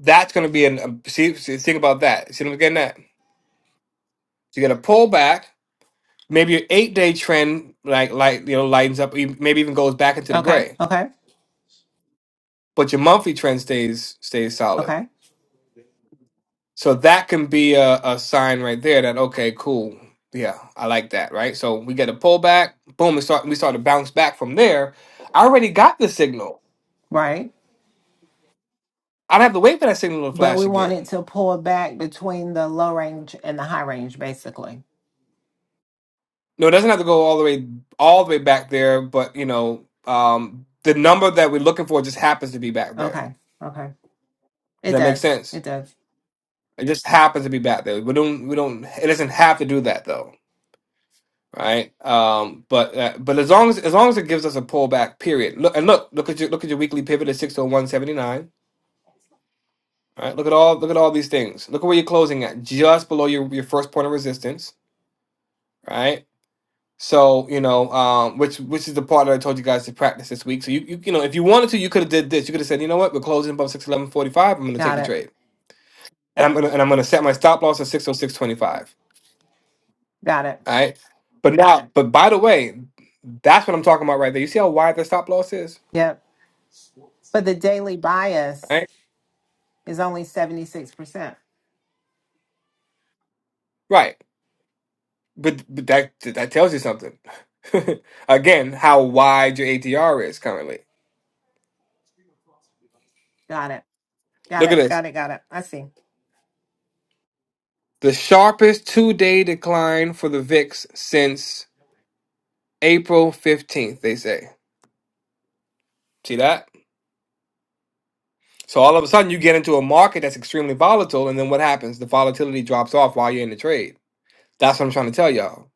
B: That's going to be an um, see, see think about that. See what I'm getting at? So, You get a pullback, maybe your 8-day trend like light you know lightens up, e- maybe even goes back into the
D: Okay.
B: gray
D: Okay.
B: but your monthly trend stays stays solid.
D: Okay.
B: So that can be a, a sign right there that okay, cool, yeah, I like that, right? So we get a pullback, boom, we start we start to bounce back from there. I already got the signal.
D: Right.
B: I don't have to wait for that signal to
D: But we
B: flash
D: wanted
B: again.
D: to pull back between the low range and the high range, basically.
B: No, it doesn't have to go all the way all the way back there, but you know, um, the number that we're looking for just happens to be back there.
D: Okay. Okay.
B: Does
D: It
B: that make
D: does.
B: sense?
D: It does.
B: It just happens to be back there. We don't we don't it doesn't have to do that though. right? Um, but uh, but as long as as long as it gives us a pullback period, look and look look at your look at your weekly pivot at six oh one seventy nine. Right, look at all look at all these things. Look at where you're closing at, just below your your first point of resistance. Right, so you know um, which which is the part that I told you guys to practice this week. So you you, you know if you wanted to, you could have did this. You could have said, you know what, we're closing above six eleven forty five. I'm going to take
D: Got
B: the
D: it.
B: trade, and I'm gonna and I'm gonna set my stop loss at six oh six twenty five.
D: Got it.
B: All right, but now but by the way, that's what I'm talking about right there. You see how wide the stop loss is,
D: Yep. But the daily bias
B: right?
D: is only 76%.
B: Right. But, but that that tells you something. Again, how wide your ATR is currently.
D: Got it. Got
B: Look at
D: it.
B: this.
D: Got it. Got it. I see.
B: The sharpest two-day decline for the VIX since April 15th, they say. See that? So all of a sudden you get into a market that's extremely volatile and then what happens? The volatility drops off while you're in the trade. That's what I'm trying to tell y'all.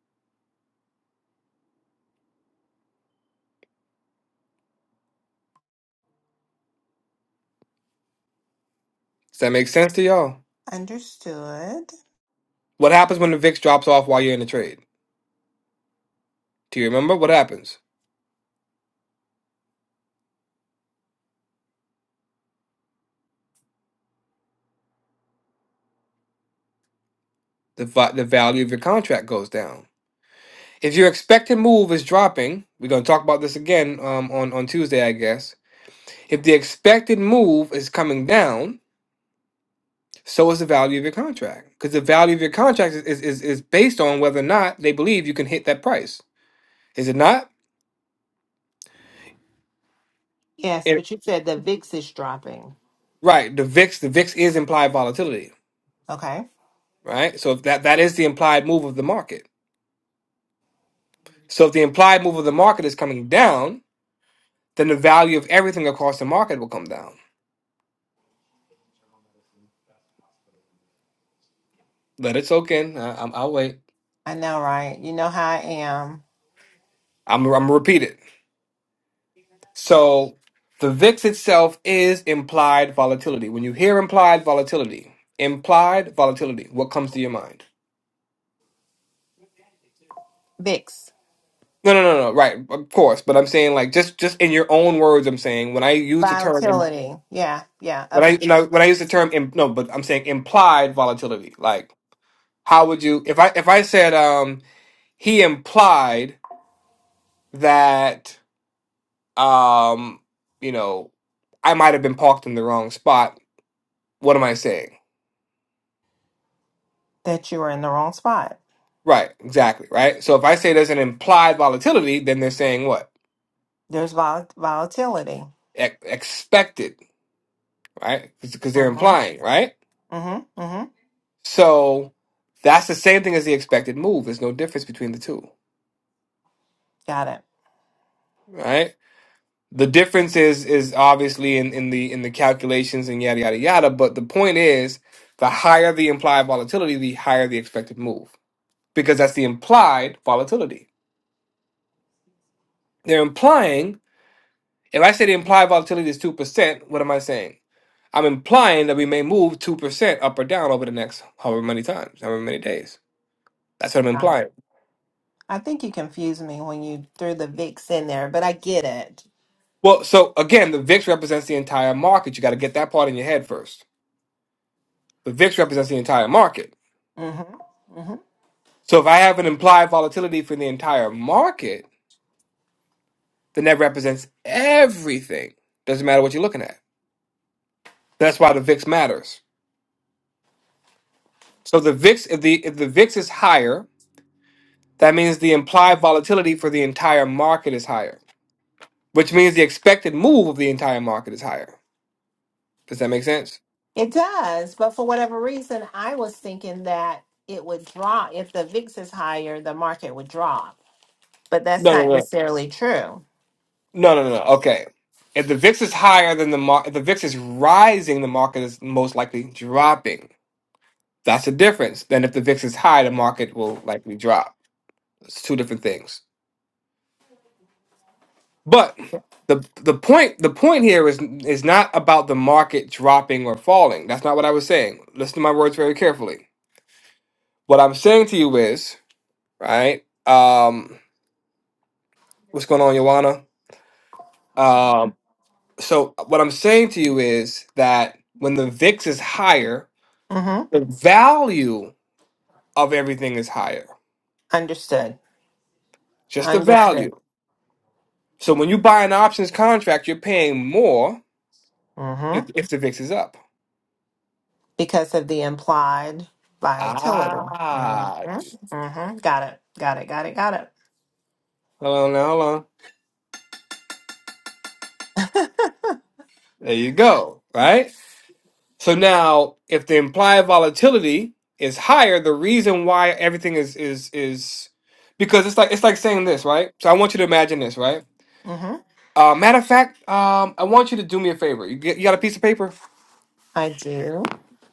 B: Does that make sense to y'all?
D: Understood.
B: What happens when the VIX drops off while you're in the trade? Do you remember what happens? The va- the value of your contract goes down. If your expected move is dropping, we're gonna talk about this again um, on on Tuesday, I guess. If the expected move is coming down, so is the value of your contract, because the value of your contract is, is is based on whether or not they believe you can hit that price. Is it not?
D: Yes,
B: It-
D: but you said the VIX is dropping.
B: right. The VIX the VIX is implied volatility,
D: Okay.
B: right? So if that that is the implied move of the market. So if the implied move of the market is coming down, then the value of everything across the market will come down. Let it soak in. I, I'm, I'll wait.
D: I know, right? You know how I am.
B: I'm I'm gonna repeat it. So the VIX itself is implied volatility. When you hear implied volatility, implied volatility, what comes to your mind?
D: VIX.
B: No, no, no, no. Right, of course. But I'm saying like just just in your own words. I'm saying when I use the term in,
D: Volatility. Yeah, yeah.
B: when
D: Up
B: I
D: in
B: you know, when I use the term im, no, but I'm saying implied volatility. Like how would you if I if I said um he implied that um you know I might have been parked in the wrong spot. What am I saying?
D: that you were in the wrong spot.
B: Right, exactly, right? So if I say there's an implied volatility, then they're saying what?
D: There's vol- volatility.
B: E- expected, right? Because they're
D: Mm-hmm.
B: implying, right?
D: Mm-hmm. Mm-hmm.
B: So that's the same thing as the expected move. There's no difference between the two,
D: Got it.
B: right? The difference is is obviously in, in the in the calculations and yada yada yada, but the point is the higher the implied volatility, the higher the expected move. Because that's the implied volatility. They're implying if I say the implied volatility is two percent, what am I saying? I'm implying that we may move 2% up or down over the next however many times, however many days. That's what I'm
D: Got it.
B: implying.
D: I think you confused me when you threw the VIX in there, but I get it.
B: Well, so again, the VIX represents the entire market. You got to get that part in your head first. The VIX represents the entire market.
D: Mm-hmm. mm-hmm.
B: So if I have an implied volatility for the entire market, then that represents everything. Doesn't matter what you're looking at. That's why the VIX matters. So the VIX, if the if the VIX is higher, that means the implied volatility for the entire market is higher, which means the expected move of the entire market is higher. Does that make sense?
D: It does, but for whatever reason, I was thinking that it would drop. If the VIX is higher, the market would drop, but that's
B: No, no,
D: not
B: no,
D: necessarily true.
B: no, no, no. Okay. If the VIX is higher than the market, if the VIX is rising, the market is most likely dropping. That's the difference. Then if the VIX is high, the market will likely drop. It's two different things. But the the point the point here is is not about the market dropping or falling. That's not what I was saying. Listen to my words very carefully. What I'm saying to you is right. Um, what's going on, Joanna? Um, so what I'm saying to you is that when the VIX is higher,
D: hmm
B: the value of everything is higher.
D: Understood.
B: Just the
D: Understood.
B: value. So when you buy an options contract, you're paying more
D: hmm
B: if, if the VIX is up.
D: Because of the implied volatility. hmm
B: Ah,
D: hmm Got it. Got it. Got it. Got
B: hold on, now, hold on.
D: it.
B: There you go. Right. So now, if the implied volatility is higher, the reason why everything is is is because it's like it's like saying this, right? So I want you to imagine this, right?
D: hmm
B: Uh, matter of fact, um, I want you to do me a favor. You, get, you got a piece of paper?
D: I do.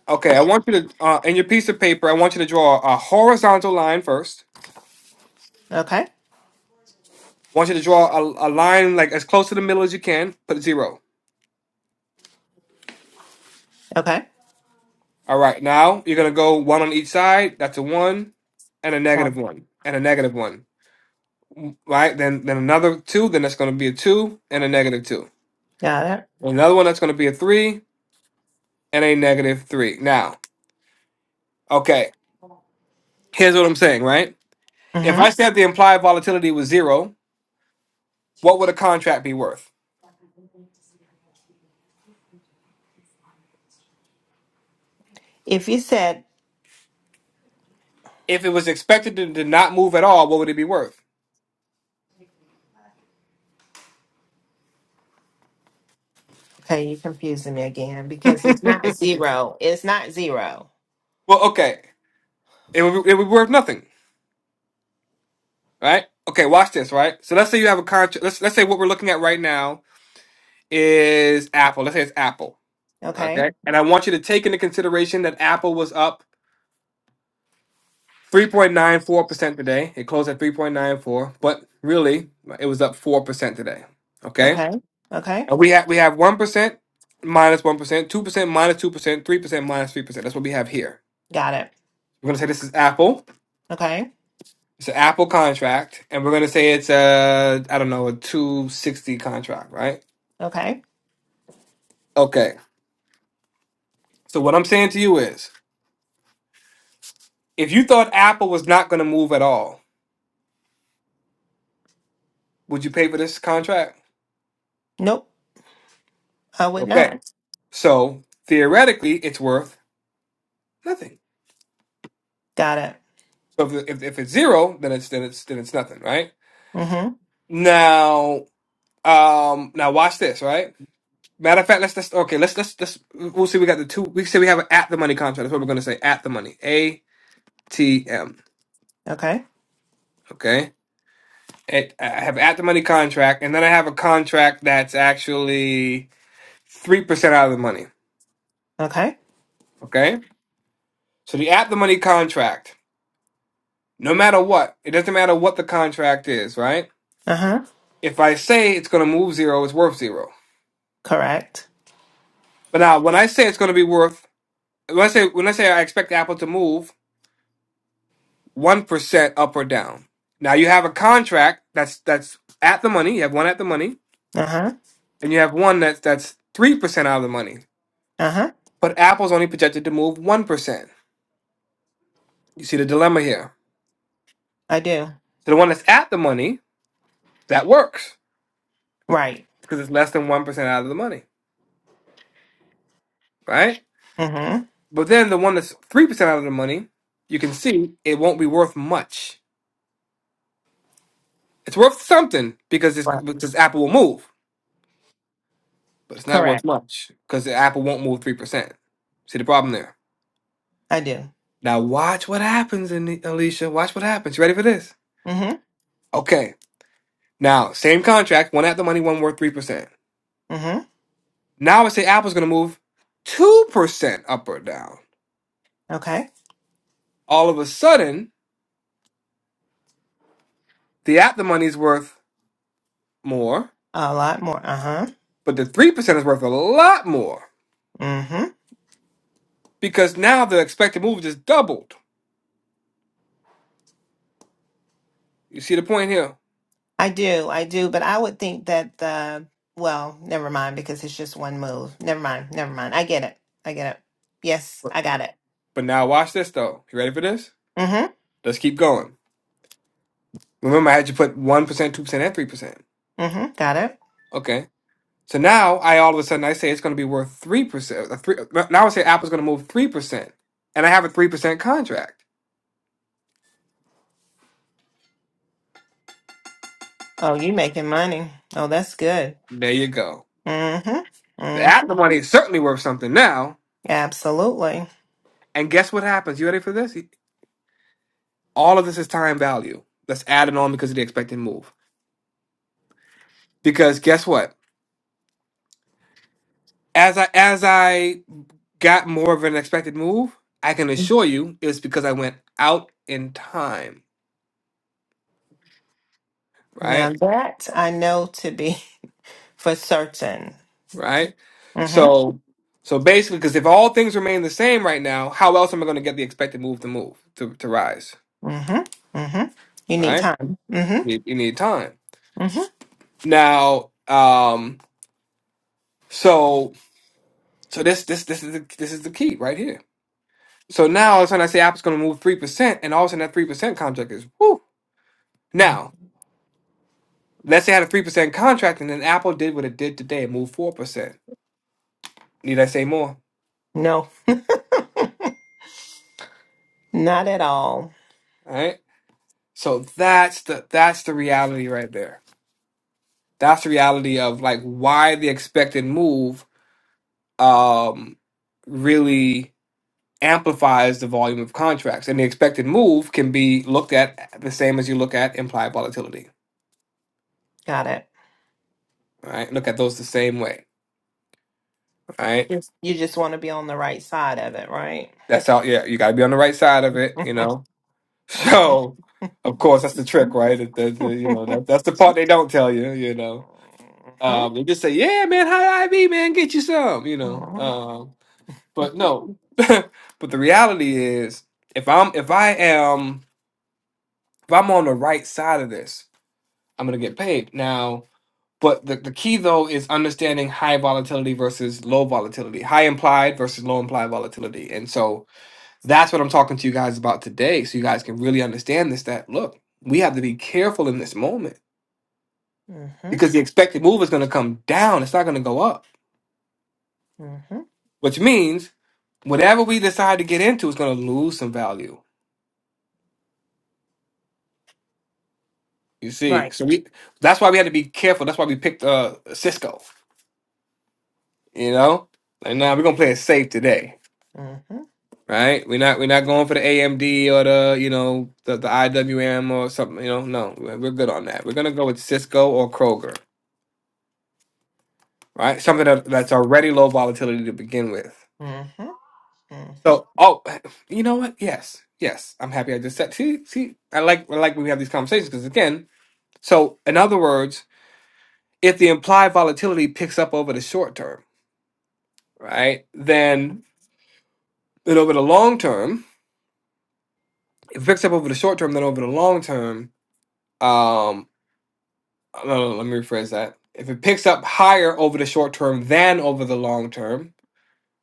B: Okay, I want you to, uh, in your piece of paper, I want you to draw a horizontal line first.
D: Okay.
B: I want you to draw a, a line like as close to the middle as you can. Put a zero.
D: Okay.
B: All right, now you're gonna go one on each side. That's a one, and a negative
D: Um,
B: one, and a negative one. Mm, Right? Then then another two. Then that's gonna be a two and a negative two.
D: Got it.
B: Another one that's gonna be a three and a negative three. Now, okay, here's what I'm saying, right? If
D: hmm
B: I said the implied volatility was zero, what would a contract be worth?
D: If you said,
B: If it was expected to, to not move at all, what would it be worth?
D: okay, you're confusing me again
B: well,
D: because it's not zero. It's not zero.
B: okay, it would be, it would be worth nothing, right? Okay, watch this, right? So let's say you have a contract. Let's let's say what we're looking at right now is Apple. Let's say it's Apple,
D: Okay.
B: okay? And I want you to take into consideration that Apple was up three point nine four percent today. It closed at three point nine four, but really it was up four percent today. Okay,
D: Okay. Okay.
B: And we have we have one percent minus one percent, two percent minus two percent, three percent minus three percent. That's what we have here.
D: Got it.
B: We're gonna say this is Apple.
D: Okay.
B: It's an Apple contract, and we're gonna say it's a I don't know a two sixty contract, right?
D: Okay.
B: Okay. So what I'm saying to you is, if you thought Apple was not gonna move at all, would you pay for this contract?
D: Nope. I would
B: Okay.
D: not.
B: So theoretically, it's worth nothing.
D: Got it.
B: So if, if, if it's zero, then it's then it's then it's nothing, right?
D: Mm-hmm.
B: Now, um, now watch this, right? Matter of fact, let's let's okay, let's let's let's we'll see. We got the two. We say we have an at the money contract. That's what we're gonna say. At the money. A T M.
D: Okay.
B: Okay. It, I have at the money contract, and then I have a contract that's actually three percent out of the money.
D: Okay.
B: Okay. So the at the money contract, no matter what, it doesn't matter what the contract is, right?
D: Uh-huh.
B: If I say it's gonna move zero, it's worth zero.
D: Correct.
B: But now when I say it's gonna be worth, when I say when I say I expect Apple to move, one percent up or down. Now you have a contract that's that's at the money. You have one at the money,
D: Uh-huh.
B: and you have one that's that's three percent out of the money.
D: Uh-huh.
B: But Apple's only projected to move one percent. You see the dilemma here.
D: I do.
B: So the one that's at the money that works
D: Right.
B: because it's less than one percent out of the money, right?
D: Mm-hmm.
B: But then the one that's three percent out of the money, you can see it won't be worth much. It's worth something because it's,
D: Right.
B: because Apple will move, but it's not worth
D: Correct.
B: much because Apple won't move three percent. See the problem there?
D: I do.
B: Now watch what happens, in Alicia. Watch what happens. You ready for this?
D: Mm-hmm.
B: Okay. Now, same contract, one at the money, one worth 3%.
D: Mm-hmm.
B: Now I would say Apple's going to move 2% up or down.
D: Okay.
B: All of a sudden, the at the money is worth more,
D: A lot more. Uh-huh.
B: but the 3% is worth a lot more
D: Mm-hmm.
B: because now the expected move just doubled. You see the point here?
D: I do. I do. But I would think that the well, never mind because it's just one move. Never mind. Never mind. I get it. I get it. Yes,
B: But
D: I got it.
B: but now watch this, though. You ready for this?
D: Mm-hmm.
B: Let's keep going. Remember, I had you put 1%, 2%, and 3%.
D: Mm-hmm. Got it.
B: Okay. So now I all of a sudden I say it's going to be worth three percent. Three now I say Apple's going to move three percent, and I have a three percent contract.
D: Oh, you making money. Oh, that's good.
B: There you go.
D: Mm-hmm.
B: The
D: hmm
B: Apple money is certainly worth something now.
D: Absolutely.
B: And guess what happens? You ready for this? All of this is time value. Let's add it on because of the expected move. Because guess what? As I as I got more of an expected move, I can assure you it's because I went out in time. Right?
D: Now that I know to be for certain.
B: right?
D: Mm-hmm.
B: So, so basically, because if all things remain the same right now, how else am I going to get the expected move to move to to rise,
D: Mm-hmm. Mm-hmm. You need
B: right?
D: time. Mm-hmm.
B: You, you need time
D: Mm-hmm.
B: now. Um, so so this this this is the, this is the key right here. So now all of a sudden I say Apple's going to move three percent, and all of a sudden that three percent contract is whoo. Now let's say I had a three percent contract, and then Apple did what it did today and moved four percent. Need I say more?
D: No, not at all.
B: All right. So that's the that's the reality right there that's the reality of like why the expected move um really amplifies the volume of contracts and the expected move can be looked at the same as you look at implied volatility
D: Got it.
B: right look at those the same way right
D: Yes. You just want to be on the right side of it, right?
B: that's how yeah you got to be on the right side of it you know so
D: Mm-hmm.
B: of course that's the trick right the, the, the- you know
D: Mm-hmm.
B: that, that's the part they don't tell you you know um they just say yeah man high iv man get you some you know Um, But no. but the reality is if I'm if I am if I'm on the right side of this, I'm gonna get paid. Now, but the, the key though is understanding high volatility versus low volatility, high implied versus low implied volatility. And so that's what I'm talking to you guys about today. So you guys can really understand this that look, we have to be careful in this moment
D: Mm-hmm.
B: because the expected move is gonna come down. It's not gonna go up.
D: Mm-hmm.
B: Which means whatever we decide to get into is gonna lose some value You see,
D: Right.
B: so we that's why we had to be careful. That's why we picked uh Cisco. You know, like now nah, we're gonna play
D: Mm-hmm.
B: it safe today, right? We're not we're not going for the AMD or the you know the, the IWM or something. You know, no, we're we're good on that. We're gonna go with Cisco or Kroger, right? Something that, that's already low volatility to begin with.
D: Mm-hmm.
B: So, oh, you know what? Yes, yes, I'm happy I just said. See, see, I like I like when we have these conversations because again, so in other words, if the implied volatility picks up over the short term. right?
D: Mhm.
B: Then then over the long term, if it picks up over the short term, then over the long term, um, no, no, no, let me rephrase that. If it picks up higher over the short term than over the long term,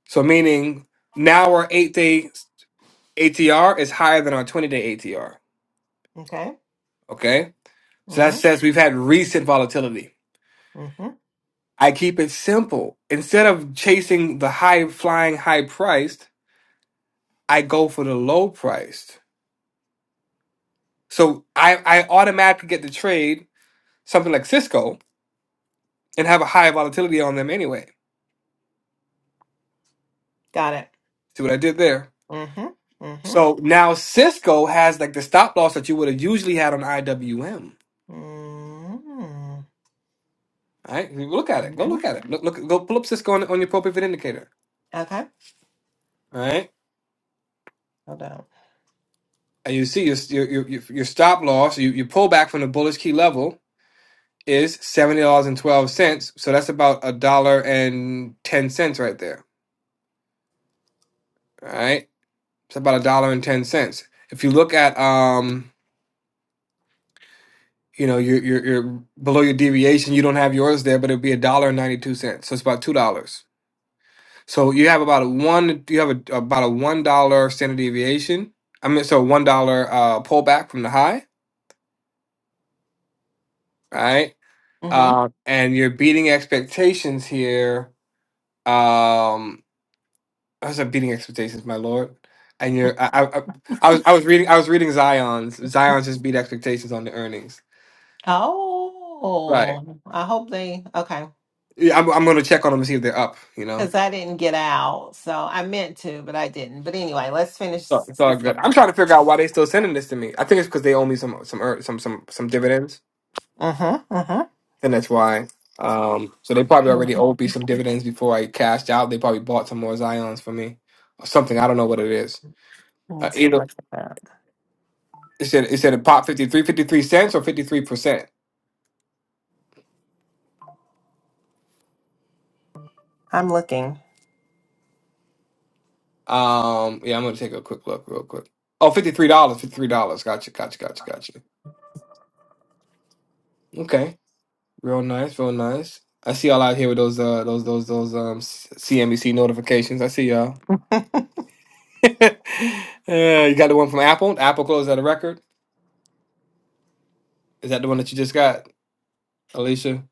B: so meaning now our eight day ATR is higher than our 20 day ATR,
D: Okay.
B: okay? So that
D: Mhm.
B: says we've had recent volatility.
D: Mhm.
B: I keep it simple. Instead of chasing the high flying, high priced, I go for the low priced. So I, I automatically get the trade something like Cisco and have a high volatility on them anyway.
D: Got it.
B: See what I did there?
D: Mhm. Mhm.
B: So now Cisco has like the stop loss that you would have usually had on IWM.
D: Mhm.
B: All right, look at it. Go look
D: Mhm.
B: at it. Look, look go pull up Cisco on, on your pro pivot indicator.
D: Okay.
B: All right,
D: Hold on.
B: and you see your your your, your your stop loss. You you pull back from the bullish key level is seventy dollars and twelve cents. So that's about a dollar and ten cents right there. All right, it's about a dollar and ten cents. If you look at um you know you're you're, you're below your deviation you don't have yours there but it'd be a dollar and 92 cents so it's about two dollars so you have about a one you have a, about a one dollar standard deviation i mean so one dollar uh pullback from the high right
D: Mhm.
B: uh and you're beating expectations here um i was beating expectations my lord and you're I, I i I was i was reading i was reading zion's zion's just beat expectations on the earnings right
D: Oh, I hope they okay
B: yeah i'm, I'm gonna check on them and see if they're up you know
D: because I didn't get out, so I meant to, but I didn't. But anyway, let's finish
B: Oh, It's all
D: this
B: good.
D: one.
B: I'm trying to figure out why they still sending this to me. I think it's because they owe me some some er- some some some dividends,
D: Mhm. Mhm.
B: and that's why. Um, so they probably
D: Yeah.
B: already owed me some dividends before I cashed out. They probably bought some more Zion's for me or something. I don't know what it is.
D: I need
B: Uh,
D: to
B: either
D: look at that.
B: it said it said it popped 53 53 cents or fifty three percent.
D: I'm looking.
B: Um, yeah, I'm gonna take a quick look real quick. Oh, fifty three dollars, fifty three dollars. Gotcha, gotcha, gotcha, gotcha. Okay, real nice, real nice. I see y'all out here with those uh those those those um CNBC notifications. I see y'all. Uh, you got the one from Apple. Apple closed at a record. Is that the one that you just got, Alicia?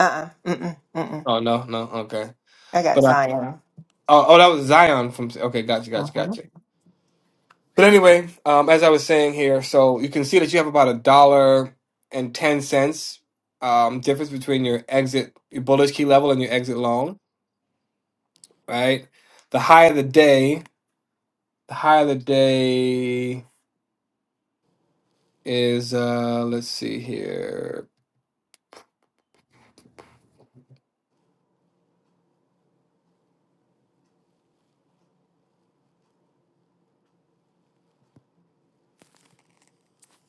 D: Uh. uh Mm. Mm. Mm.
B: Oh no, no, okay.
D: I got
B: But I
D: Zion.
B: oh, oh that was Zion from. Okay, gotcha, gotcha,
D: Mhm.
B: gotcha. But anyway, um, as I was saying here, so you can see that you have about a dollar and ten cents um, difference between your exit, your bullish key level, and your exit long. Right. The high of the day. The high of the day is uh let's see here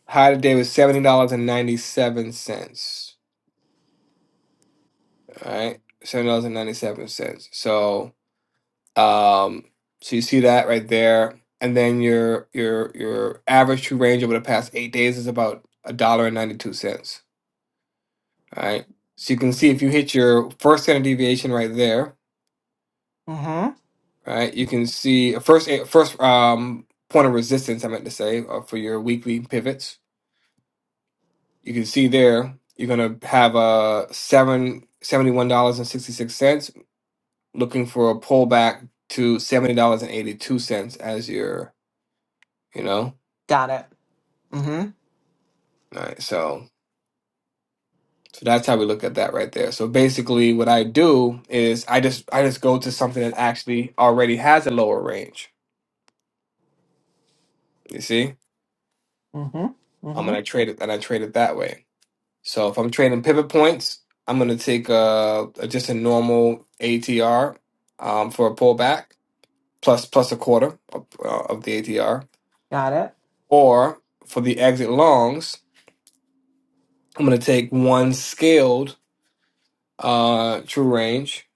B: High today was seventy dollars and ninety seven cents. All right, seventy dollars and ninety seven cents. So, um, so you see that right there, and then your your your average true range over the past eight days is about a dollar and ninety two cents. All right, so you can see if you hit your first standard deviation right there,
D: Mhm.
B: right, you can see first eh, first um point of resistance. I meant to say uh, for your weekly pivots, you can see there you're gonna have a seven seventy one dollars and sixty six cents looking for a pullback to seventy dollars and eighty two cents as your you know
D: Got it. Mhm.
B: all right so so that's how we look at that right there so basically what i do is i just i just go to something that actually already has a lower range you see
D: Mhm.
B: i'm gonna
D: Mhm.
B: trade it and i trade it that way so if i'm trading pivot points i'm gonna take uh a just a normal atr um, for a pullback plus plus a quarter of, uh, of the atr
D: Got it.
B: or for the exit longs I'm going to take one scaled uh, true range.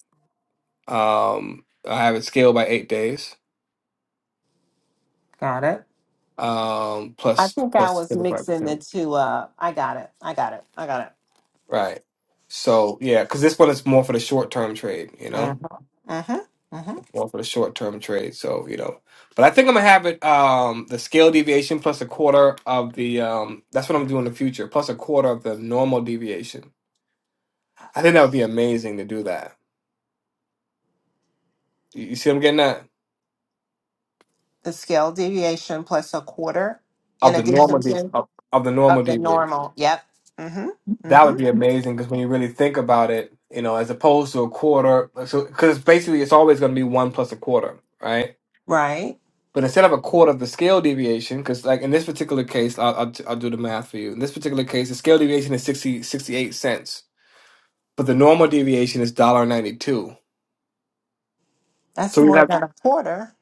B: Um, I have it scaled by eight days,
D: Got it.
B: um,
D: I
B: plus
D: think I
B: plus
D: was
B: seventy five
D: mixing the
B: percent.
D: two up. I got it. I got it. I got it.
B: Right. So yeah, because this one is more for the short term trade. You know,
D: Uh-huh. Uh-huh. Uh-huh.
B: more for the short term trade. So you know, but I think I'm gonna have it um, the scale deviation plus a quarter of the. Um, that's what I'm doing in the future, plus a quarter of the normal deviation. I think that would be amazing to do that. You, you see, what I'm getting that
D: The scale deviation plus a quarter in
B: of the normal
D: addition
B: de-
D: to
B: of, of the
D: of
B: normal
D: the
B: deviation.
D: normal. Yep. Mm-hmm.
B: That
D: Mm-hmm.
B: would be amazing because when you really think about it, you know, as opposed to a quarter, so because basically it's always going to be one plus a quarter, right?
D: Right.
B: But instead of a quarter of the scale deviation, because like in this particular case, I'll, I'll I'll do the math for you. In this particular case, the scale deviation is 60 68 cents, but the normal deviation is dollar ninety two.
D: That's
B: So we
D: more
B: have
D: than a quarter,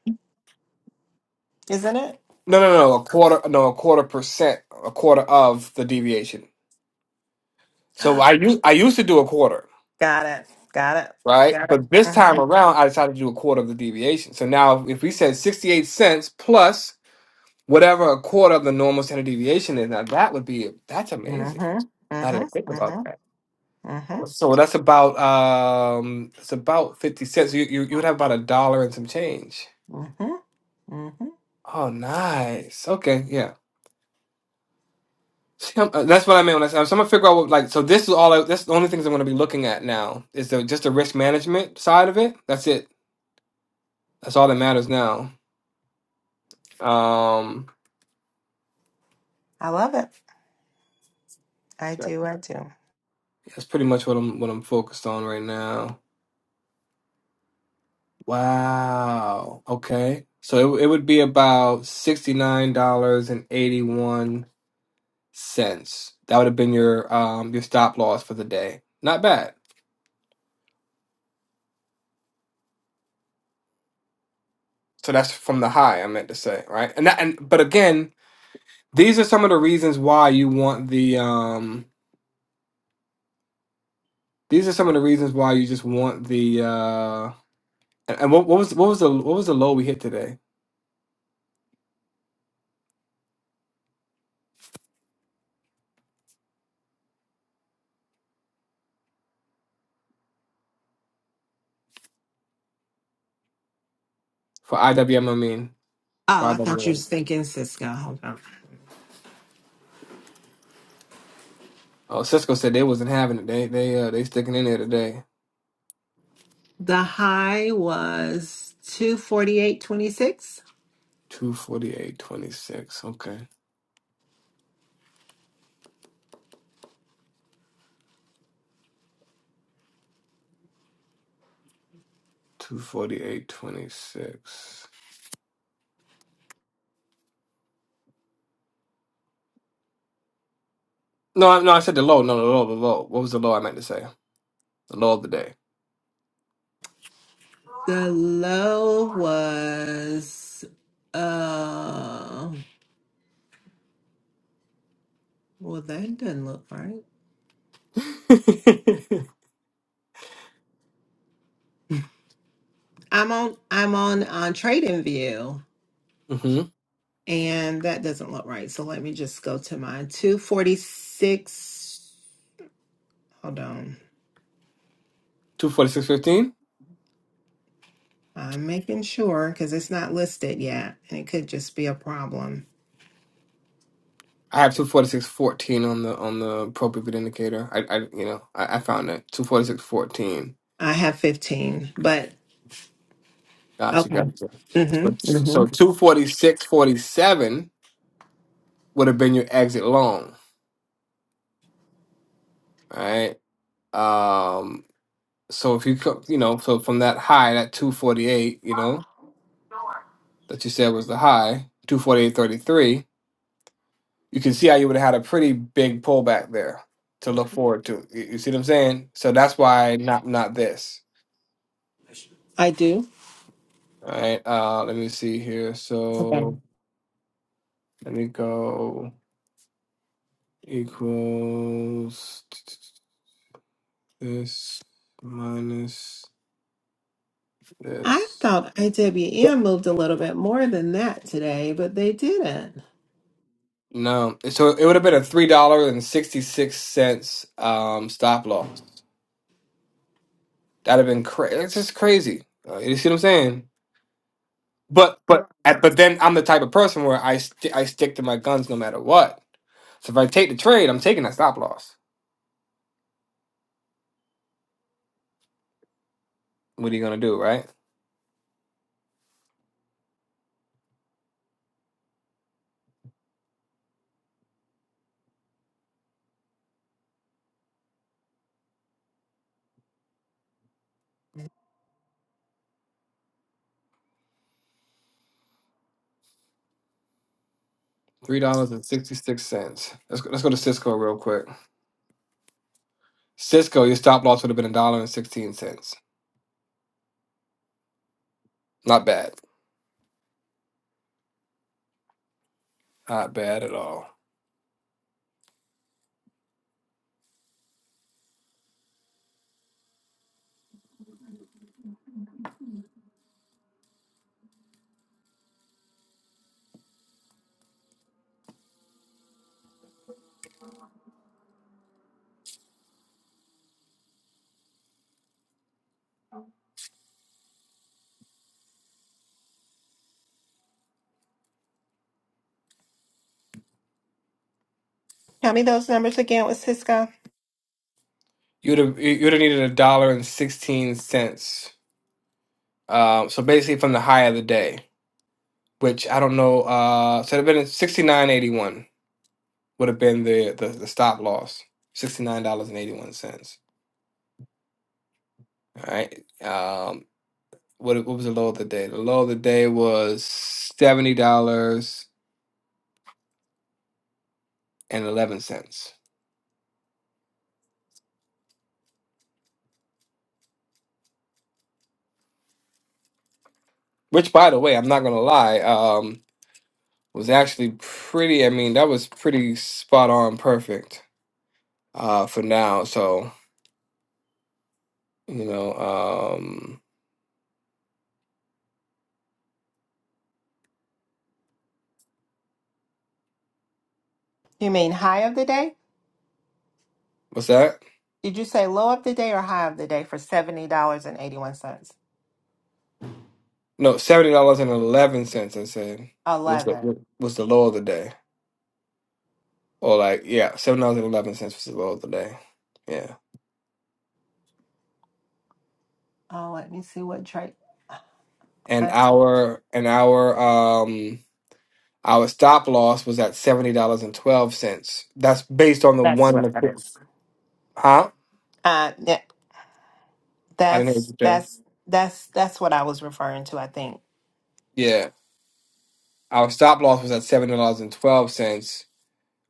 D: isn't it?
B: no, no, no, a quarter, no, a quarter percent, a quarter of the deviation. So I u- I used to do a quarter.
D: Got it. Got it.
B: right?
D: Got it.
B: But this time
D: Uh-huh.
B: around, I decided to do a quarter of the deviation. So now, if we said 68 cents plus whatever a quarter of the normal standard deviation is, now that would be that's amazing.
D: Mm-hmm.
B: Now did I think
D: Mm-hmm.
B: about
D: Mm-hmm.
B: that.
D: Mm-hmm.
B: So that's about um, it's about 50 cents. You, you you would have about a dollar and some change.
D: Mm-hmm. Mm-hmm.
B: Oh, nice. Okay, yeah. See, I'm- uh, That's what I meant when I said. So I'm gonna figure out what like. So this is all. I, that's the only things I'm gonna be looking at now is the just the risk management side of it. That's it. That's all that matters now. Um,
D: I love it. I do. I do.
B: That's pretty much what I'm what I'm focused on right now. Wow. Okay. So it, it would be about $69.81. That would have been your um your stop loss for the day. Not bad. So that's from the high, I meant to say, right? And that, and but again, these are some of the reasons why you want the um these are some of the reasons why you just want the uh and, and what, what was what was the what was the low we hit today for IWM I mean for
D: Oh, I thought you
B: IWM
D: was thinking Cisco. Hold on.
B: Oh, Cisco said they wasn't having it. They they uh they sticking in there today.
D: The high was 248.26.
B: Two forty eight twenty six. Okay. Two forty eight twenty six. No, I- no, I said the low. No, the low, the low. What was the low I meant to say? The low of the day.
D: The low was uh well that doesn't look right. I'm on I'm on on trading view
B: mm-hmm.
D: and that doesn't look right. So let me just go to my 246 hold on.
B: Two forty six fifteen.
D: I'm making sure because it's not listed yet and it could just be a problem.
B: I have two forty six fourteen on the on the pro pivot indicator. I I you know I, I found it two forty six fourteen.
D: I have 15, but
B: Gotcha,
D: okay.
B: gotcha. So
D: Mm-hmm.
B: so two forty six forty seven would have been your exit long, right? Um, So if you co- you know, so from that high, that 248, you know, that you said was the high, 248.33, you can see how you would have had a pretty big pullback there to look
D: Mm-hmm.
B: forward to. You, you see what I'm saying? So that's why not not this.
D: I do.
B: All right. Uh let me see here. So let me go equals this minus
D: I
B: this.
D: thought
B: Yep.
D: IWM moved a little bit more than that today, but they didn't.
B: No, so it would have been a three dollar and sixty six cents um, stop loss. That'd have been crazy. It's just crazy. Uh, you see what I'm saying? But but I- but then I'm the type of person where I st- I stick to my guns no matter what. So if I take the trade, I'm taking that stop loss. What are you gonna do, right? Three dollars and sixty six cents. Let's go, let's go to Cisco real quick. Cisco, your stop loss would have been a dollar and sixteen cents. Not bad. Not bad at all.
D: Tell me those numbers again with Cisco.
B: You'd have you- you'd have needed a dollar and sixteen cents. Um, so basically from the high of the day, which I don't know. Uh, so it'd have been sixty nine eighty one. would have been the the, the stop loss, sixty nine dollars and eighty one cents. All right. Um, what what was the low of the day? The low of the day was seventy dollars and eleven cents. Which, by the way, I'm not gonna lie, um, was actually pretty. I mean, that was pretty spot on, perfect uh, for now. So you know, um,
D: You mean high of the day?
B: what's that?
D: Did you say low of the day or high of the day for $70.81?
B: No, seventy dollars and eleven cents. I said was the
D: 11.
B: was the low of the day. Or like yeah, seven dollars and eleven cents for the oil today. Yeah.
D: Oh, let me see what trade.
B: And
D: uh,
B: our and our um our stop loss was at seventy dollars and twelve cents. That's based on the
D: That's
B: one and
D: what
B: a
D: that
B: quarter.
D: is.
B: Huh?
D: Uh, yeah,
B: I didn't hear what
D: that's
B: you said.
D: that's that's that's what I was referring to. I think
B: Yeah. Our stop loss was at seventy dollars and twelve cents.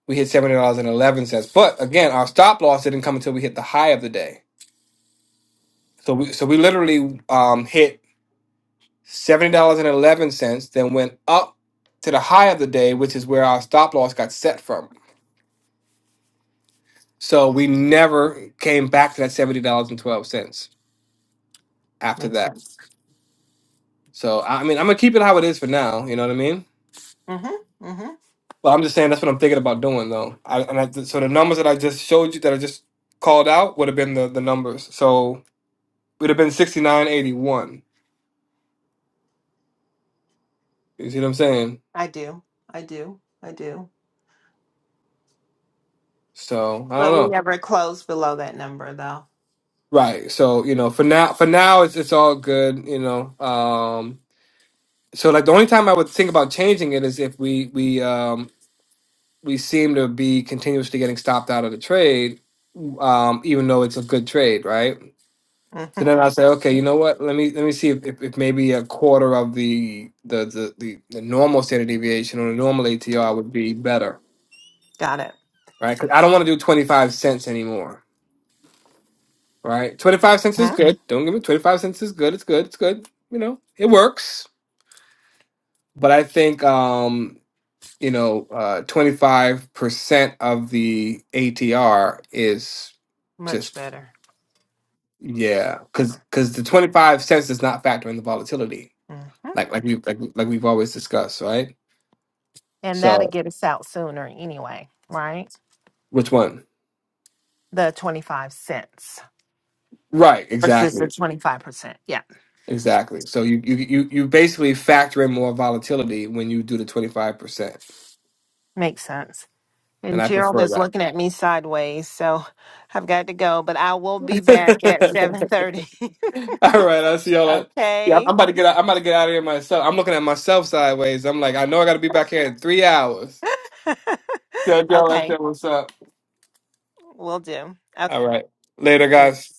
B: We hit seventy dollars and eleven cents. But again, our stop loss didn't come until we hit the high of the day. So we so we literally um hit seventy dollars and eleven cents, then went up to the high of the day, which is where our stop loss got set from. So we never came back to that seventy dollars and twelve cents after
D: makes
B: that.
D: sense.
B: So I I mean, I'm gonna keep it how it is for now. You know what I mean?
D: Mm-hmm. Mm-hmm.
B: But I'm just saying that's what I'm thinking about doing though. I, and I, so the numbers that I just showed you that I just called out would have been the the numbers. So we'd have been sixty nine eighty one. You see what I'm saying?
D: I do. I do. I do.
B: So I don't
D: But we
B: know.
D: never closed below that number, though.
B: Right. So you know, for now, for now, it's it's all good. You know. Um. So like the only time I would think about changing it is if we we um we seem to be continuously getting stopped out of the trade, um, even though it's a good trade, right? So
D: Mm-hmm.
B: then I say, okay, you know what? Let me let me see if, if, if maybe a quarter of the the, the the the normal standard deviation or the normal ATR would be better,
D: Got it.
B: right? 'Cause I don't want to do twenty five cents anymore, right? Twenty five cents is good. Don't give me twenty five cents is good. It's good. It's good. You know, it works. But I think um, you know, twenty five percent of the ATR is
D: Much
B: just
D: better.
B: Yeah, because
D: Yeah.
B: because the 25 cents does not factor in the volatility,
D: hmm
B: like like we like like we've always discussed, right?
D: And that'll
B: So
D: get us out sooner anyway, right?
B: which one?
D: The 25 cents
B: Right,
D: versus the
B: exactly,
D: 25%. Yeah,
B: exactly. So you you you you basically factor in more volatility when you do the 25 percent,
D: makes sense.
B: and
D: And
B: I
D: Gerald
B: prefer
D: is
B: that.
D: looking at me sideways, so I've got to go, but I will be back at 7:30.
B: All right, I see y'all. at- Yeah,
D: okay.
B: I'm about to get out, I'm about to get out of here myself. I'm looking at myself sideways. I'm like, I know I got to be back here in three hours. Tell y'all I
D: okay.
B: said what's up.
D: Will do. Okay.
B: All right, later, guys.
D: Thanks.